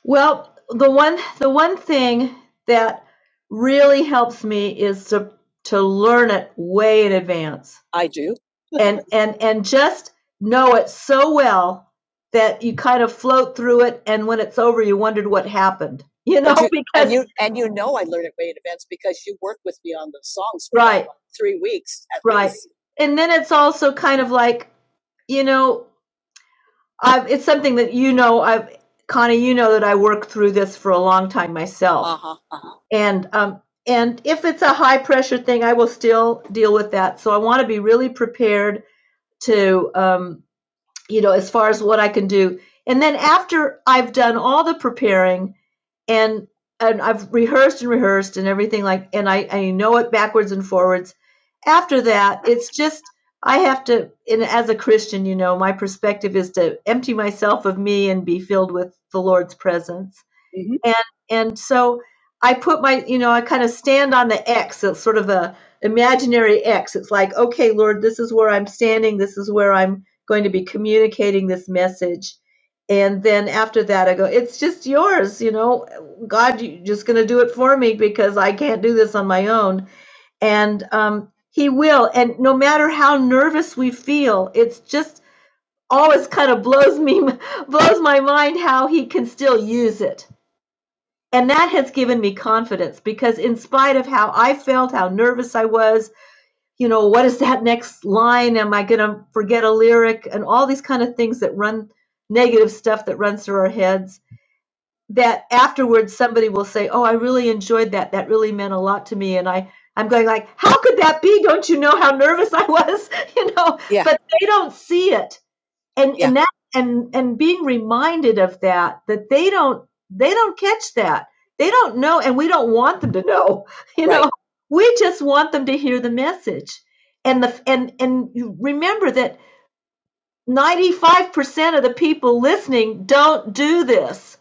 S1: Well, the one the one thing that really helps me is to to learn it way in advance I do. [laughs] and and and just know it so well that you kind of float through it and when it's over you wondered what happened. You know, But you, [laughs] and because and you and you know I learned it way in advance because you worked with me on those songs for right, like three weeks at right. least. And then it's also kind of like, you know, I've, it's something that you know. I've Connie, you know that I worked through this for a long time myself, Uh-huh, uh-huh. and um, and if it's a high pressure thing, I will still deal with that. So I want to be really prepared to um, you know, as far as what I can do. And then after I've done all the preparing and and I've rehearsed and rehearsed and everything like and I, I know it backwards and forwards. After that, it's just I have to and as a Christian, you know, my perspective is to empty myself of me and be filled with the Lord's presence. hmm And and so I put my, you know, I kind of stand on the X, it's sort of a imaginary X. It's like, okay, Lord, this is where I'm standing, this is where I'm going to be communicating this message. And then after that, I go, it's just yours, you know, God, you're just going to do it for me because I can't do this on my own. And um, He will. And no matter how nervous we feel, it's just always kind of blows me, [laughs] blows my mind how He can still use it. And that has given me confidence because, in spite of how I felt, how nervous I was, you know, what is that next line? Am I going to forget a lyric? And all these kind of things that run negative stuff that runs through our heads that afterwards somebody will say, "Oh, I really enjoyed that. That really meant a lot to me." And I I'm going like, "How could that be? Don't you know how nervous I was?" [laughs] you know, Yeah. but they don't see it and Yeah. and that and and being reminded of that that they don't they don't catch that they don't know and we don't want them to know [laughs] you Right. know we just want them to hear the message and the and and remember that 95% of the people listening don't do this.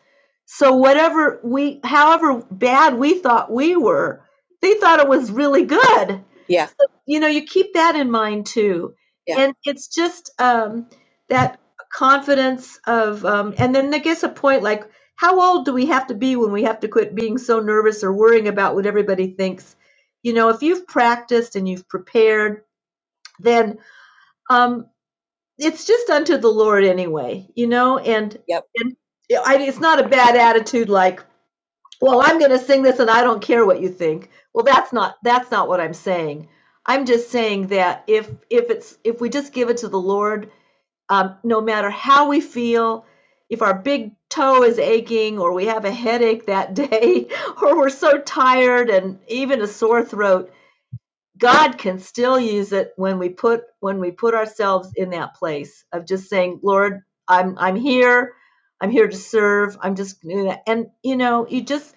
S1: So whatever we however bad we thought we were, they thought it was really good. Yeah. So, you know, you keep that in mind too. Yeah. And it's just um that confidence of um and then I guess a point like how old do we have to be when we have to quit being so nervous or worrying about what everybody thinks? You know, if you've practiced and you've prepared, then um, it's just unto the Lord anyway, you know, and Yep. and I, it's not a bad attitude like, well, I'm going to sing this and I don't care what you think. Well, that's not that's not what I'm saying. I'm just saying that if if it's if we just give it to the Lord, um, no matter how we feel, if our big toe is aching or we have a headache that [laughs] day or we're so tired and even a sore throat, God can still use it when we put when we put ourselves in that place of just saying, Lord, I'm I'm here, I'm here to serve. I'm just and you know, you just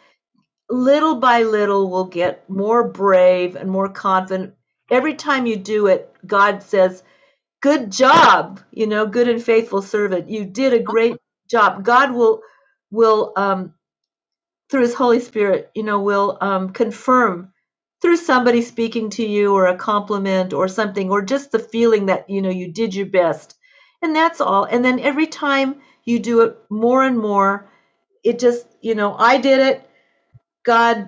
S1: little by little will get more brave and more confident. Every time you do it, God says, Good job, you know, good and faithful servant. You did a great job. God will will um through his Holy Spirit, you know, will um, confirm through somebody speaking to you or a compliment or something, or just the feeling that, you know, you did your best. And that's all. And then every time you do it more and more, it just, you know, I did it. God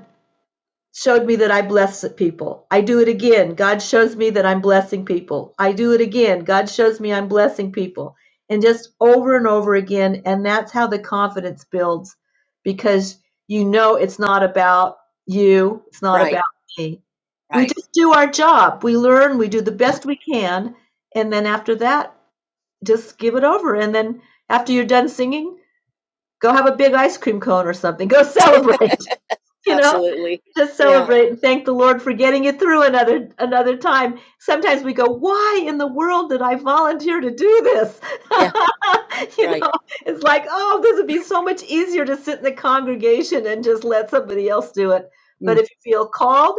S1: showed me that I bless people. I do it again. God shows me that I'm blessing people. I do it again. God shows me I'm blessing people. And just over and over again. And that's how the confidence builds because you know it's not about you, it's not Right, about me. Right. We right. just do our job. We learn, we do the best we can. And then after that, just give it over. And then after you're done singing, go have a big ice cream cone or something. Go [laughs] celebrate. [laughs] you know Absolutely. know, just Yeah. celebrate yeah. and thank the lord for getting you through another another time sometimes we go why in the world did i volunteer to do this Yeah. [laughs] you Right. know it's like oh this would be so much easier to sit in the congregation and just let somebody else do it but mm. if you feel called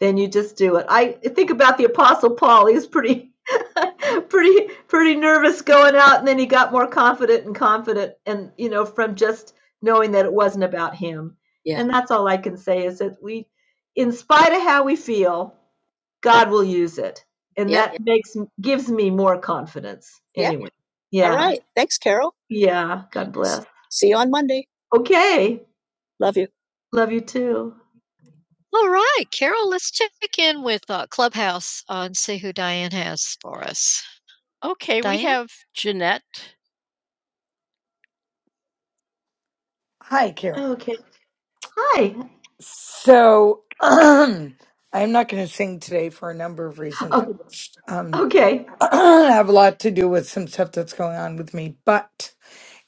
S1: then you just do it. I think about the Apostle Paul. He was pretty, [laughs] pretty, pretty nervous going out, and then he got more confident and confident, and you know, from just knowing that it wasn't about him. Yeah. And that's all I can say is that we, in spite of how we feel, God will use it, and Yeah. that yeah. makes gives me more confidence. Yeah. Anyway, yeah, yeah. All right. yeah. God bless. Okay, love you too. All right, Carol, let's check in with uh, Clubhouse uh, and see who Diane has for us.
S2: Hi, Carol.
S1: Okay. Hi.
S2: So [clears throat] I'm not going to sing today for a number of reasons,
S1: Oh,
S2: which um,
S1: okay.
S2: [clears throat] have a lot to do with some stuff that's going on with me. But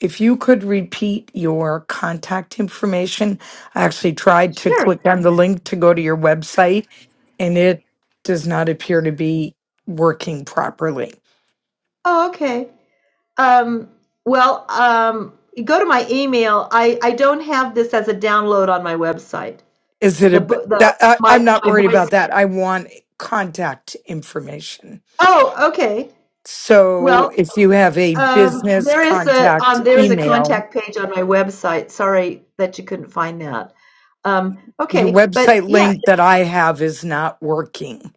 S2: if you could repeat your contact information, I actually tried to
S1: Sure.
S2: click on the link to go to your website, and it does not appear to be working properly.
S1: Oh, okay. Um, well, um, you go to my email. I, I don't have this as a download on my website.
S2: Is it
S1: The
S2: a
S1: book, the
S2: that I, I'm
S1: my
S2: not
S1: my
S2: worried
S1: voice.
S2: about that. I want contact information.
S1: Oh, okay.
S2: So
S1: Well,
S2: if you have a
S1: um,
S2: business
S1: there is a
S2: contact
S1: um, there is a
S2: email,
S1: contact page on my website. Sorry that you couldn't find that. Um,
S2: your
S1: okay, but
S2: website
S1: yeah.
S2: link that I have is not working.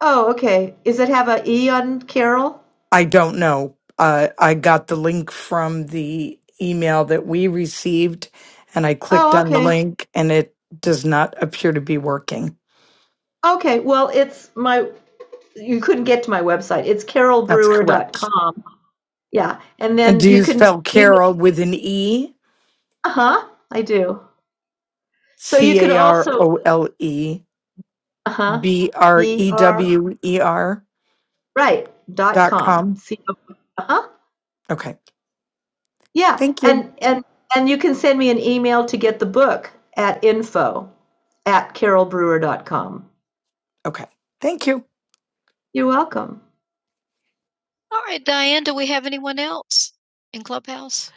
S1: Oh, okay. Is it have a E on Carol?
S2: I don't know. Uh, I got the link from the email that we received and I clicked
S1: Oh,
S2: on the
S1: okay.
S2: link and it does not appear to be working.
S1: Okay. Well, it's my, you couldn't get to my website. It's carol
S2: That's
S1: brewer dot
S2: correct.
S1: com. Yeah. And
S2: And
S1: then
S2: do
S1: you
S2: you
S1: can
S2: spell
S1: email,
S2: Carol with an E?
S1: uh huh, I do. So you
S2: C
S1: can
S2: A R
S1: also,
S2: O L E
S1: uh huh,
S2: B R
S1: B
S2: E
S1: R,
S2: W E R
S1: right, dot
S2: dot
S1: com.
S2: com.
S1: C O, uh huh.
S2: Okay.
S1: Yeah.
S2: Thank you.
S1: And, and, and you can send me an email to get the book at info at carol brewer dot com.
S2: Okay. Thank you.
S1: You're welcome. All right, Diane, do we have anyone else in Clubhouse?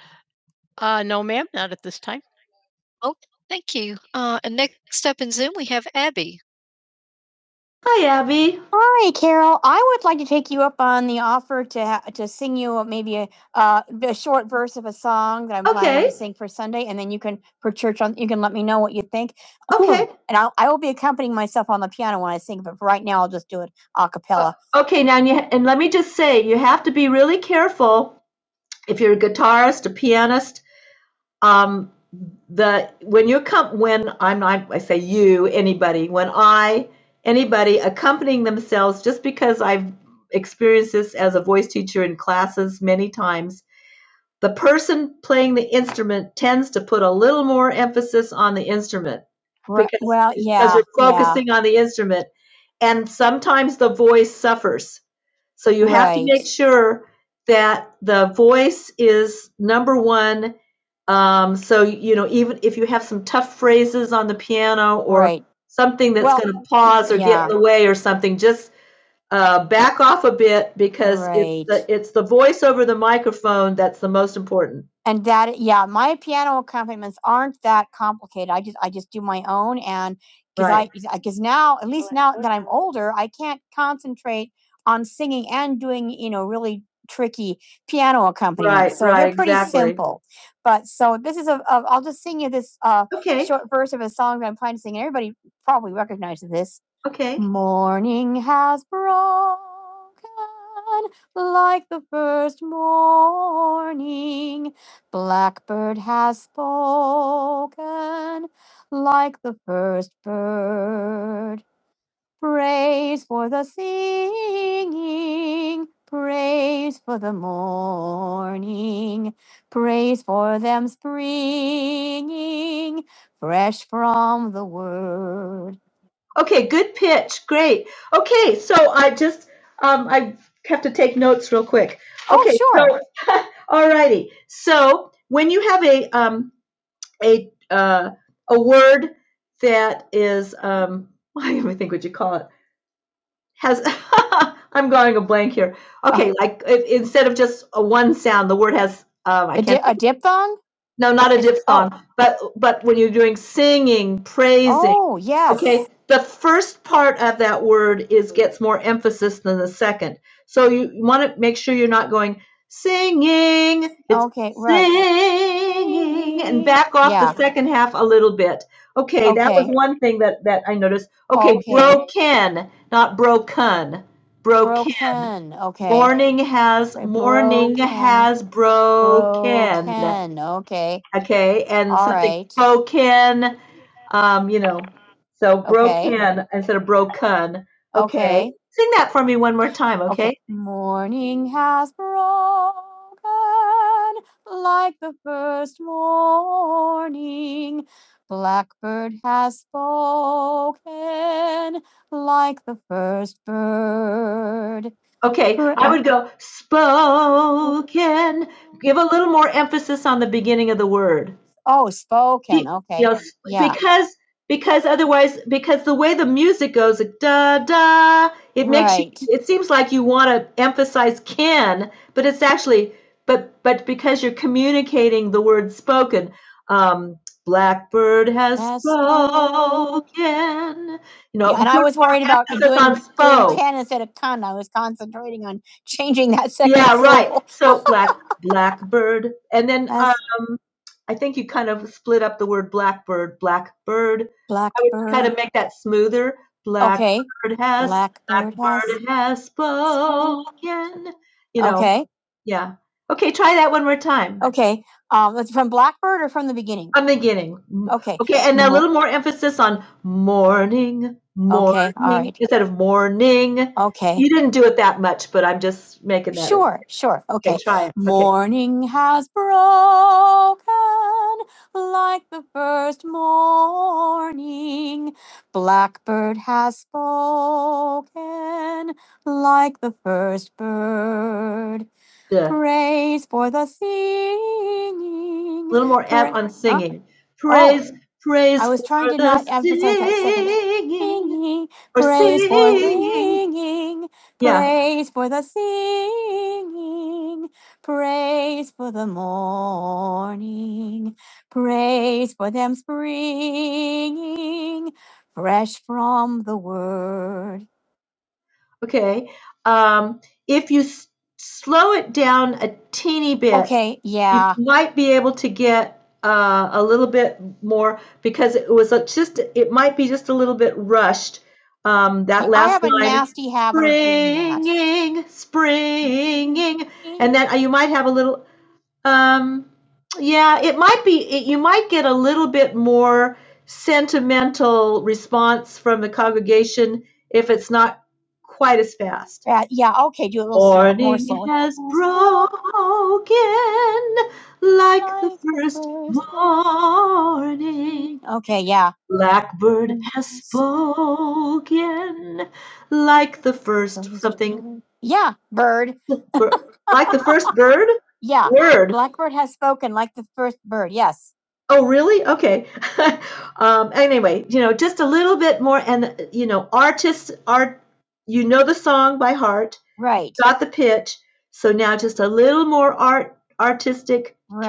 S1: Oh, thank you. Uh, and next up in Zoom, we have Abby. Hi, Abby. Okay, now you, and let me just say, you have to be really careful if you're a guitarist, a pianist. Um, the when you come, when I'm not, I say you, anybody, when I, anybody accompanying themselves, just because I've experienced this as a voice teacher in classes many times, The person playing the instrument tends to put a little more emphasis on the instrument, on the instrument, and sometimes the voice suffers. So you make sure that the voice is number one. Um, so you know, even if you have some tough phrases on the piano or something pause on the way or something, just uh, back off a bit because It's the voice over the microphone that's the most important. And that, yeah, my piano accompaniments aren't that complicated. I just, I just do my own and because Right. I, because now, at least now that I'm old, right, on singing and doing, you know, really tricky piano accompaniments. Right, so right, they're pretty exactly. simple. But so this is a, a, I'll just sing you this uh, Okay, Sure. verse of a song that I'm planning to sing. Everybody probably recognizes it. okay. Okay, good pitch. Great. Okay, so I just um, I have to take notes real quick. Okay, Oh, Okay, sure. so [laughs] all righty. So when you have a um, a uh, a word that is um, [laughs] I don't even think what you call it has [laughs] I'm going a blank here. Okay, oh. like if, instead of just a one sound, the word has um, I A can't. No, not But but when you're doing singing, praising, Okay, the first part of that word is, gets more emphasis than the second. So you want to make sure you're not going singing, Okay. singing, back off the second half a little bit. Okay, one thing that, that I noticed, broken, not broken. Brokening has, has broken. Okay, and All something right. broken, um, you know, so Okay. broken instead of broken. Okay, Okay. sing that for me one more time, Okay. okay? Morning has broken like the first morning. Blackbird has spoken. like the First bird. Okay, Pra- I uh, would go spoken. Give a little more emphasis on the beginning of the word. because because otherwise because the way the music goes like, da da it, it seems like you want to emphasize can but it's actually but but because you're communicating the word spoken um blackbird has spoken you know so black [laughs] blackbird and then um, i think you kind of split up the word blackbird blackbird make that smoother blackbird has, has spoken yeah okay try that one more time I'm beginning. A little more emphasis on morning, Sure, all right. instead of morning. Okay, You didn't do it that much, but I'm just making that. sure, Up. sure, okay. Okay, try it. Okay. Morning okay. has broken like the first morning. Blackbird has spoken like the first bird. Yeah. Praise for the singing. A little more em Pra- F on uh, singing. oh, Praise, Oh. praise I was trying to not emphasize that second. singing or Praise for singing. singing. Yeah. Praise for the singing. Praise for the morning. Praise for them springing fresh from the word. Okay. Um, if you s- slow it down a teeny bit, Okay. uh, you might be able to get uh, a little bit more because it was a, just, it might be just a little bit rushed. Um, springing. And uh, you might have a little. Um, yeah, it might be. It, you might get a little bit more sentimental response from the congregation if it's not quite as fast has broken like the Like first morning. Okay, yeah. Blackbird has Yes. spoken like the first something, Yeah, bird. [laughs] bir- like the first [laughs] bird? Yeah. Bird. Blackbird has spoken like the first bird. Yes. Oh, really? Okay. [laughs] um, anyway, you know, just a little bit more, and you know, artists are, you know, the song by heart, Right. got the pitch, so now just a little more art artistic Right.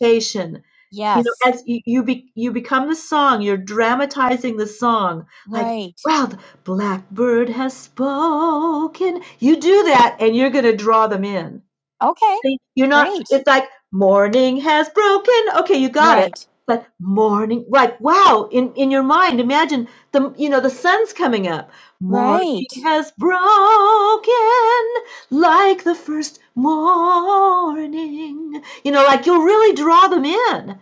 S1: communication. You Yes. You know, as you you, be, you become the song, you're dramatizing the song. Like, Right. Like, wow, the blackbird has spoken. You do that, and you're going to draw them in. Okay. See, You're not. Great. It's like morning has broken. Okay, you got right. it. Right. But morning, like wow, in in your mind, imagine the you know the sun's coming up. Morning Right has broken like the first morning. You know, like you'll really draw them in.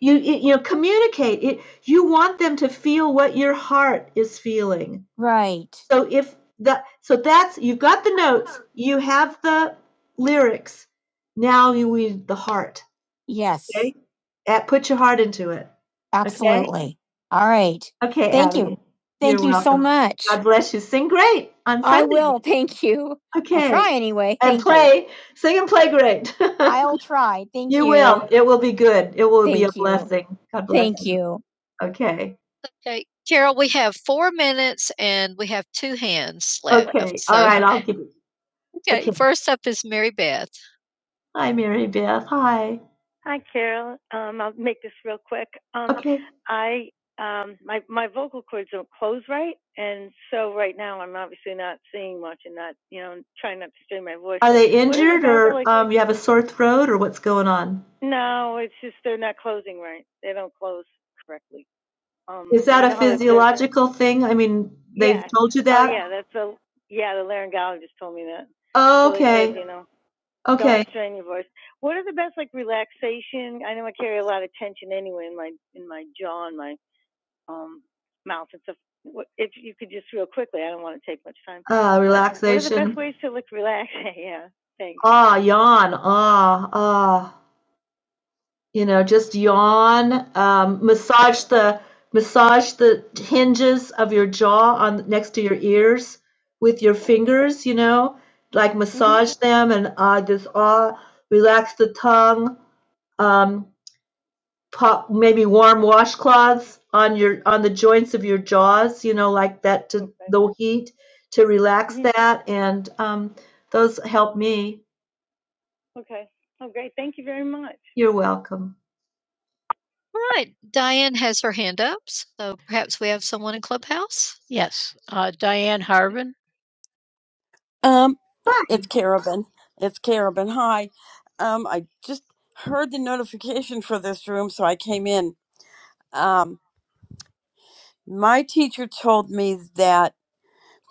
S1: You you know, communicate it. You want them to feel what your heart is feeling. So if the so that's you've got the notes, you have the lyrics. Now you need the heart. Uh, Put your heart into it. Okay. Bless you. Sing great. I'm okay. Sing and play great. [laughs] it will be good. It will sing. God bless. Okay. Okay, Carol, we have 4 minutes and we have 2 hands left. Okay. All So, all right. I'll give it. okay, Okay. first up is Mary Beth. Hi, Mary Beth. Hi. Okay. Are they injured or like, um, you have a sore throat or what's going on? um, Is that a physiological thing? I mean, they've yeah, told you oh that? Oh, yeah, that's Oh, what it is, okay. Really good, you know. Don't Okay. stress, like relaxation. I know I carry a lot of tension anyway in my in my jaw and my um, mouth. It's a, if you could just real quickly, I don't want to take much time. Uh, relaxation. What are the best ways to look relaxed? [laughs] yeah, thanks. Ah, yawn. Ah, ah. You know, just yawn. Um, massage the massage the hinges of your jaw on next to your ears with your fingers. You know, like massage mm-hmm. them and ah, just ah, relax the tongue. Um, pop, maybe warm washcloths on your on the joints of your jaws, you know, like that to Okay. the heat to relax Mhm. that, and um, those help me. You're welcome. All right. Diane has her hand up, so perhaps we have someone in Clubhouse.
S3: Um,
S1: Right,
S3: it's Carabin. It's Carabin. Hi. Um, I just heard the notification for this room, so I came in. Um, my teacher told me that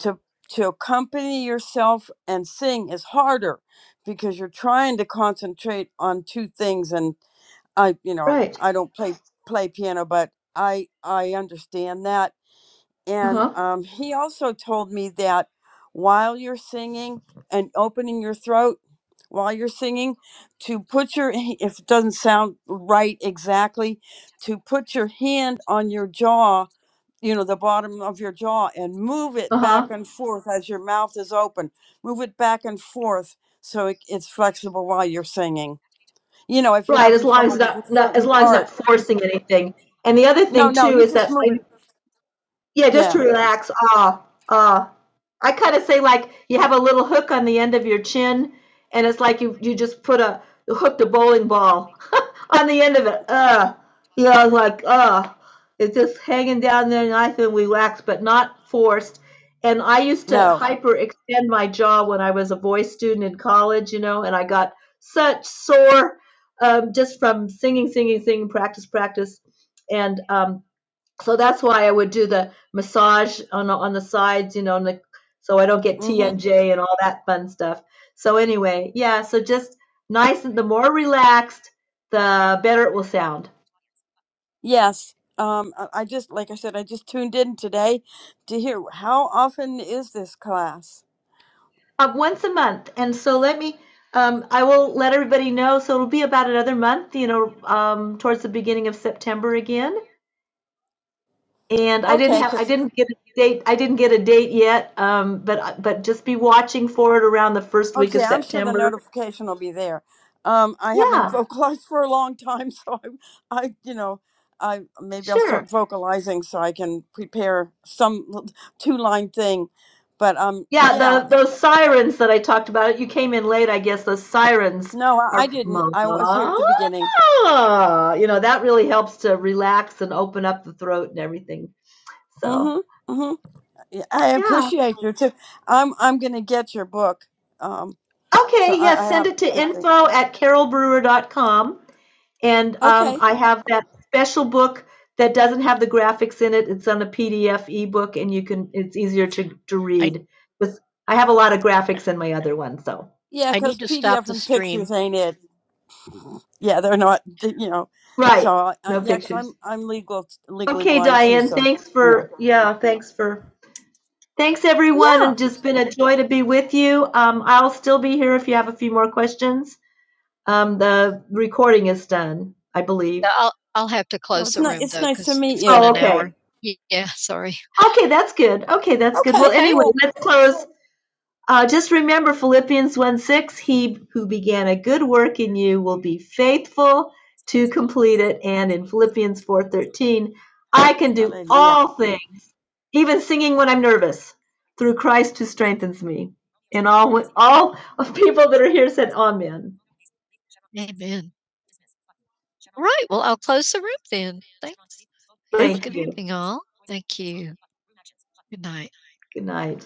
S3: to to accompany yourself and sing is harder because you're trying to concentrate on two things. And I, you know,
S1: right.
S3: I don't play play piano, but I I understand that
S1: Uh
S3: And
S1: huh.
S3: um, he also told me that while you're singing and opening your throat while you're singing, to put your, if it doesn't sound right exactly, to put your hand on your jaw, you know, the bottom of your jaw, and move
S1: Uh
S3: it back
S1: huh.
S3: and forth as your mouth is open. Move it back and forth so it, it's flexible while you're singing. You know, if you're
S1: Right. As
S3: having
S1: long as
S3: trouble with a
S1: not, not as
S3: certain
S1: long as not
S3: part.
S1: forcing anything. And the other
S3: No,
S1: thing
S3: no,
S1: too
S3: you
S1: is
S3: just
S1: that
S3: move
S1: I
S3: it.
S1: Yeah, just to
S3: Yeah,
S1: relax. Ah, ah. I kind of say like you have a little hook on the end of your chin, and it's like you you just put a hooked a bowling ball [laughs] on the end of it. Uh, you know, like uh, it's just hanging down there, nice and relaxed, but not forced. And I used to
S3: no.
S1: hyperextend my jaw when I was a voice student in college, you know, and I got such sore um, just from singing, singing, singing, practice, practice, and um, so that's why I would do the massage on on the sides, you know, and the, so I don't get
S3: mm-hmm.
S1: TMJ and all that fun stuff. So anyway, yeah, so just nice and the more relaxed, the better it will sound.
S3: Yes. Um, I I just, like I said, I just tuned in today to hear how often is this class?
S1: Uh, once a month, and so let me. Um, I will let everybody know. So it'll be about another month, you know, um, towards the beginning of September again. And I didn't
S3: Okay,
S1: have, I
S3: 'cause-
S1: didn't get a date. I didn't get a date yet. Um, but but just be watching for it around the first week of
S3: okay, I'm sure the
S1: September.
S3: notification will be there. Um, I haven't [laughs]
S1: Yeah,
S3: vocalized for a long time, so I, I, you know, I maybe I'll
S1: sure.
S3: start vocalizing so I can prepare some two line thing. But um,
S1: Yeah,
S3: yeah,
S1: the those sirens that I talked about. You came in late, I guess. Those sirens
S3: no, I I
S1: are,
S3: didn't.
S1: "Ma,"
S3: I was here at the beginning.
S1: you know, that really helps to relax and open up the throat and everything. So,
S3: Mm-hmm. Mm-hmm. Yeah, I
S1: yeah.
S3: appreciate you too. I'm I'm gonna get your book. Um. So
S1: Okay,
S3: I,
S1: Yes,
S3: I
S1: send
S3: have
S1: it to
S3: to think.
S1: info at carol brewer dot com, And um,
S3: Okay.
S1: I have that special book that doesn't have the graphics in it. It's on a PDF ebook, and you can. It's easier to to read. 'Cause I have a lot of graphics in my other one, so
S3: Yeah, because PDF and pictures ain't it. Yeah, they're not. th- You know.
S1: right,
S3: So uh,
S1: no
S3: yeah, because
S1: pictures.
S3: I'm I'm legal legally
S1: Okay,
S3: blind too.
S1: Diane,
S3: So
S1: thanks
S3: you know.
S1: for, yeah, thanks for, thanks everyone,
S3: Yeah,
S1: and just been a joy to be with you. Um, I'll still be here if you have a few more questions. Um, the recording is done, I believe. No, I'll, I'll have to
S3: it
S1: close
S3: was
S1: the
S3: nice.
S1: room
S3: It's
S1: though,
S3: nice to
S1: because
S3: meet
S1: it's been
S3: you.
S1: Oh, an okay. hour. Yeah, sorry. Okay, that's good. Okay, that's good. Well,
S3: Okay,
S1: Okay. anyway,
S3: cool.
S1: let's close. Uh, just remember Philippians 1 6, he who began a good work in you will be faithful to complete it. And in Philippians four thirteen, I can do
S3: Hallelujah.
S1: all things, even singing when I'm nervous, through Christ who strengthens me. And all of people here, amen. Amen. Right. Well, I'll close. night. Good night.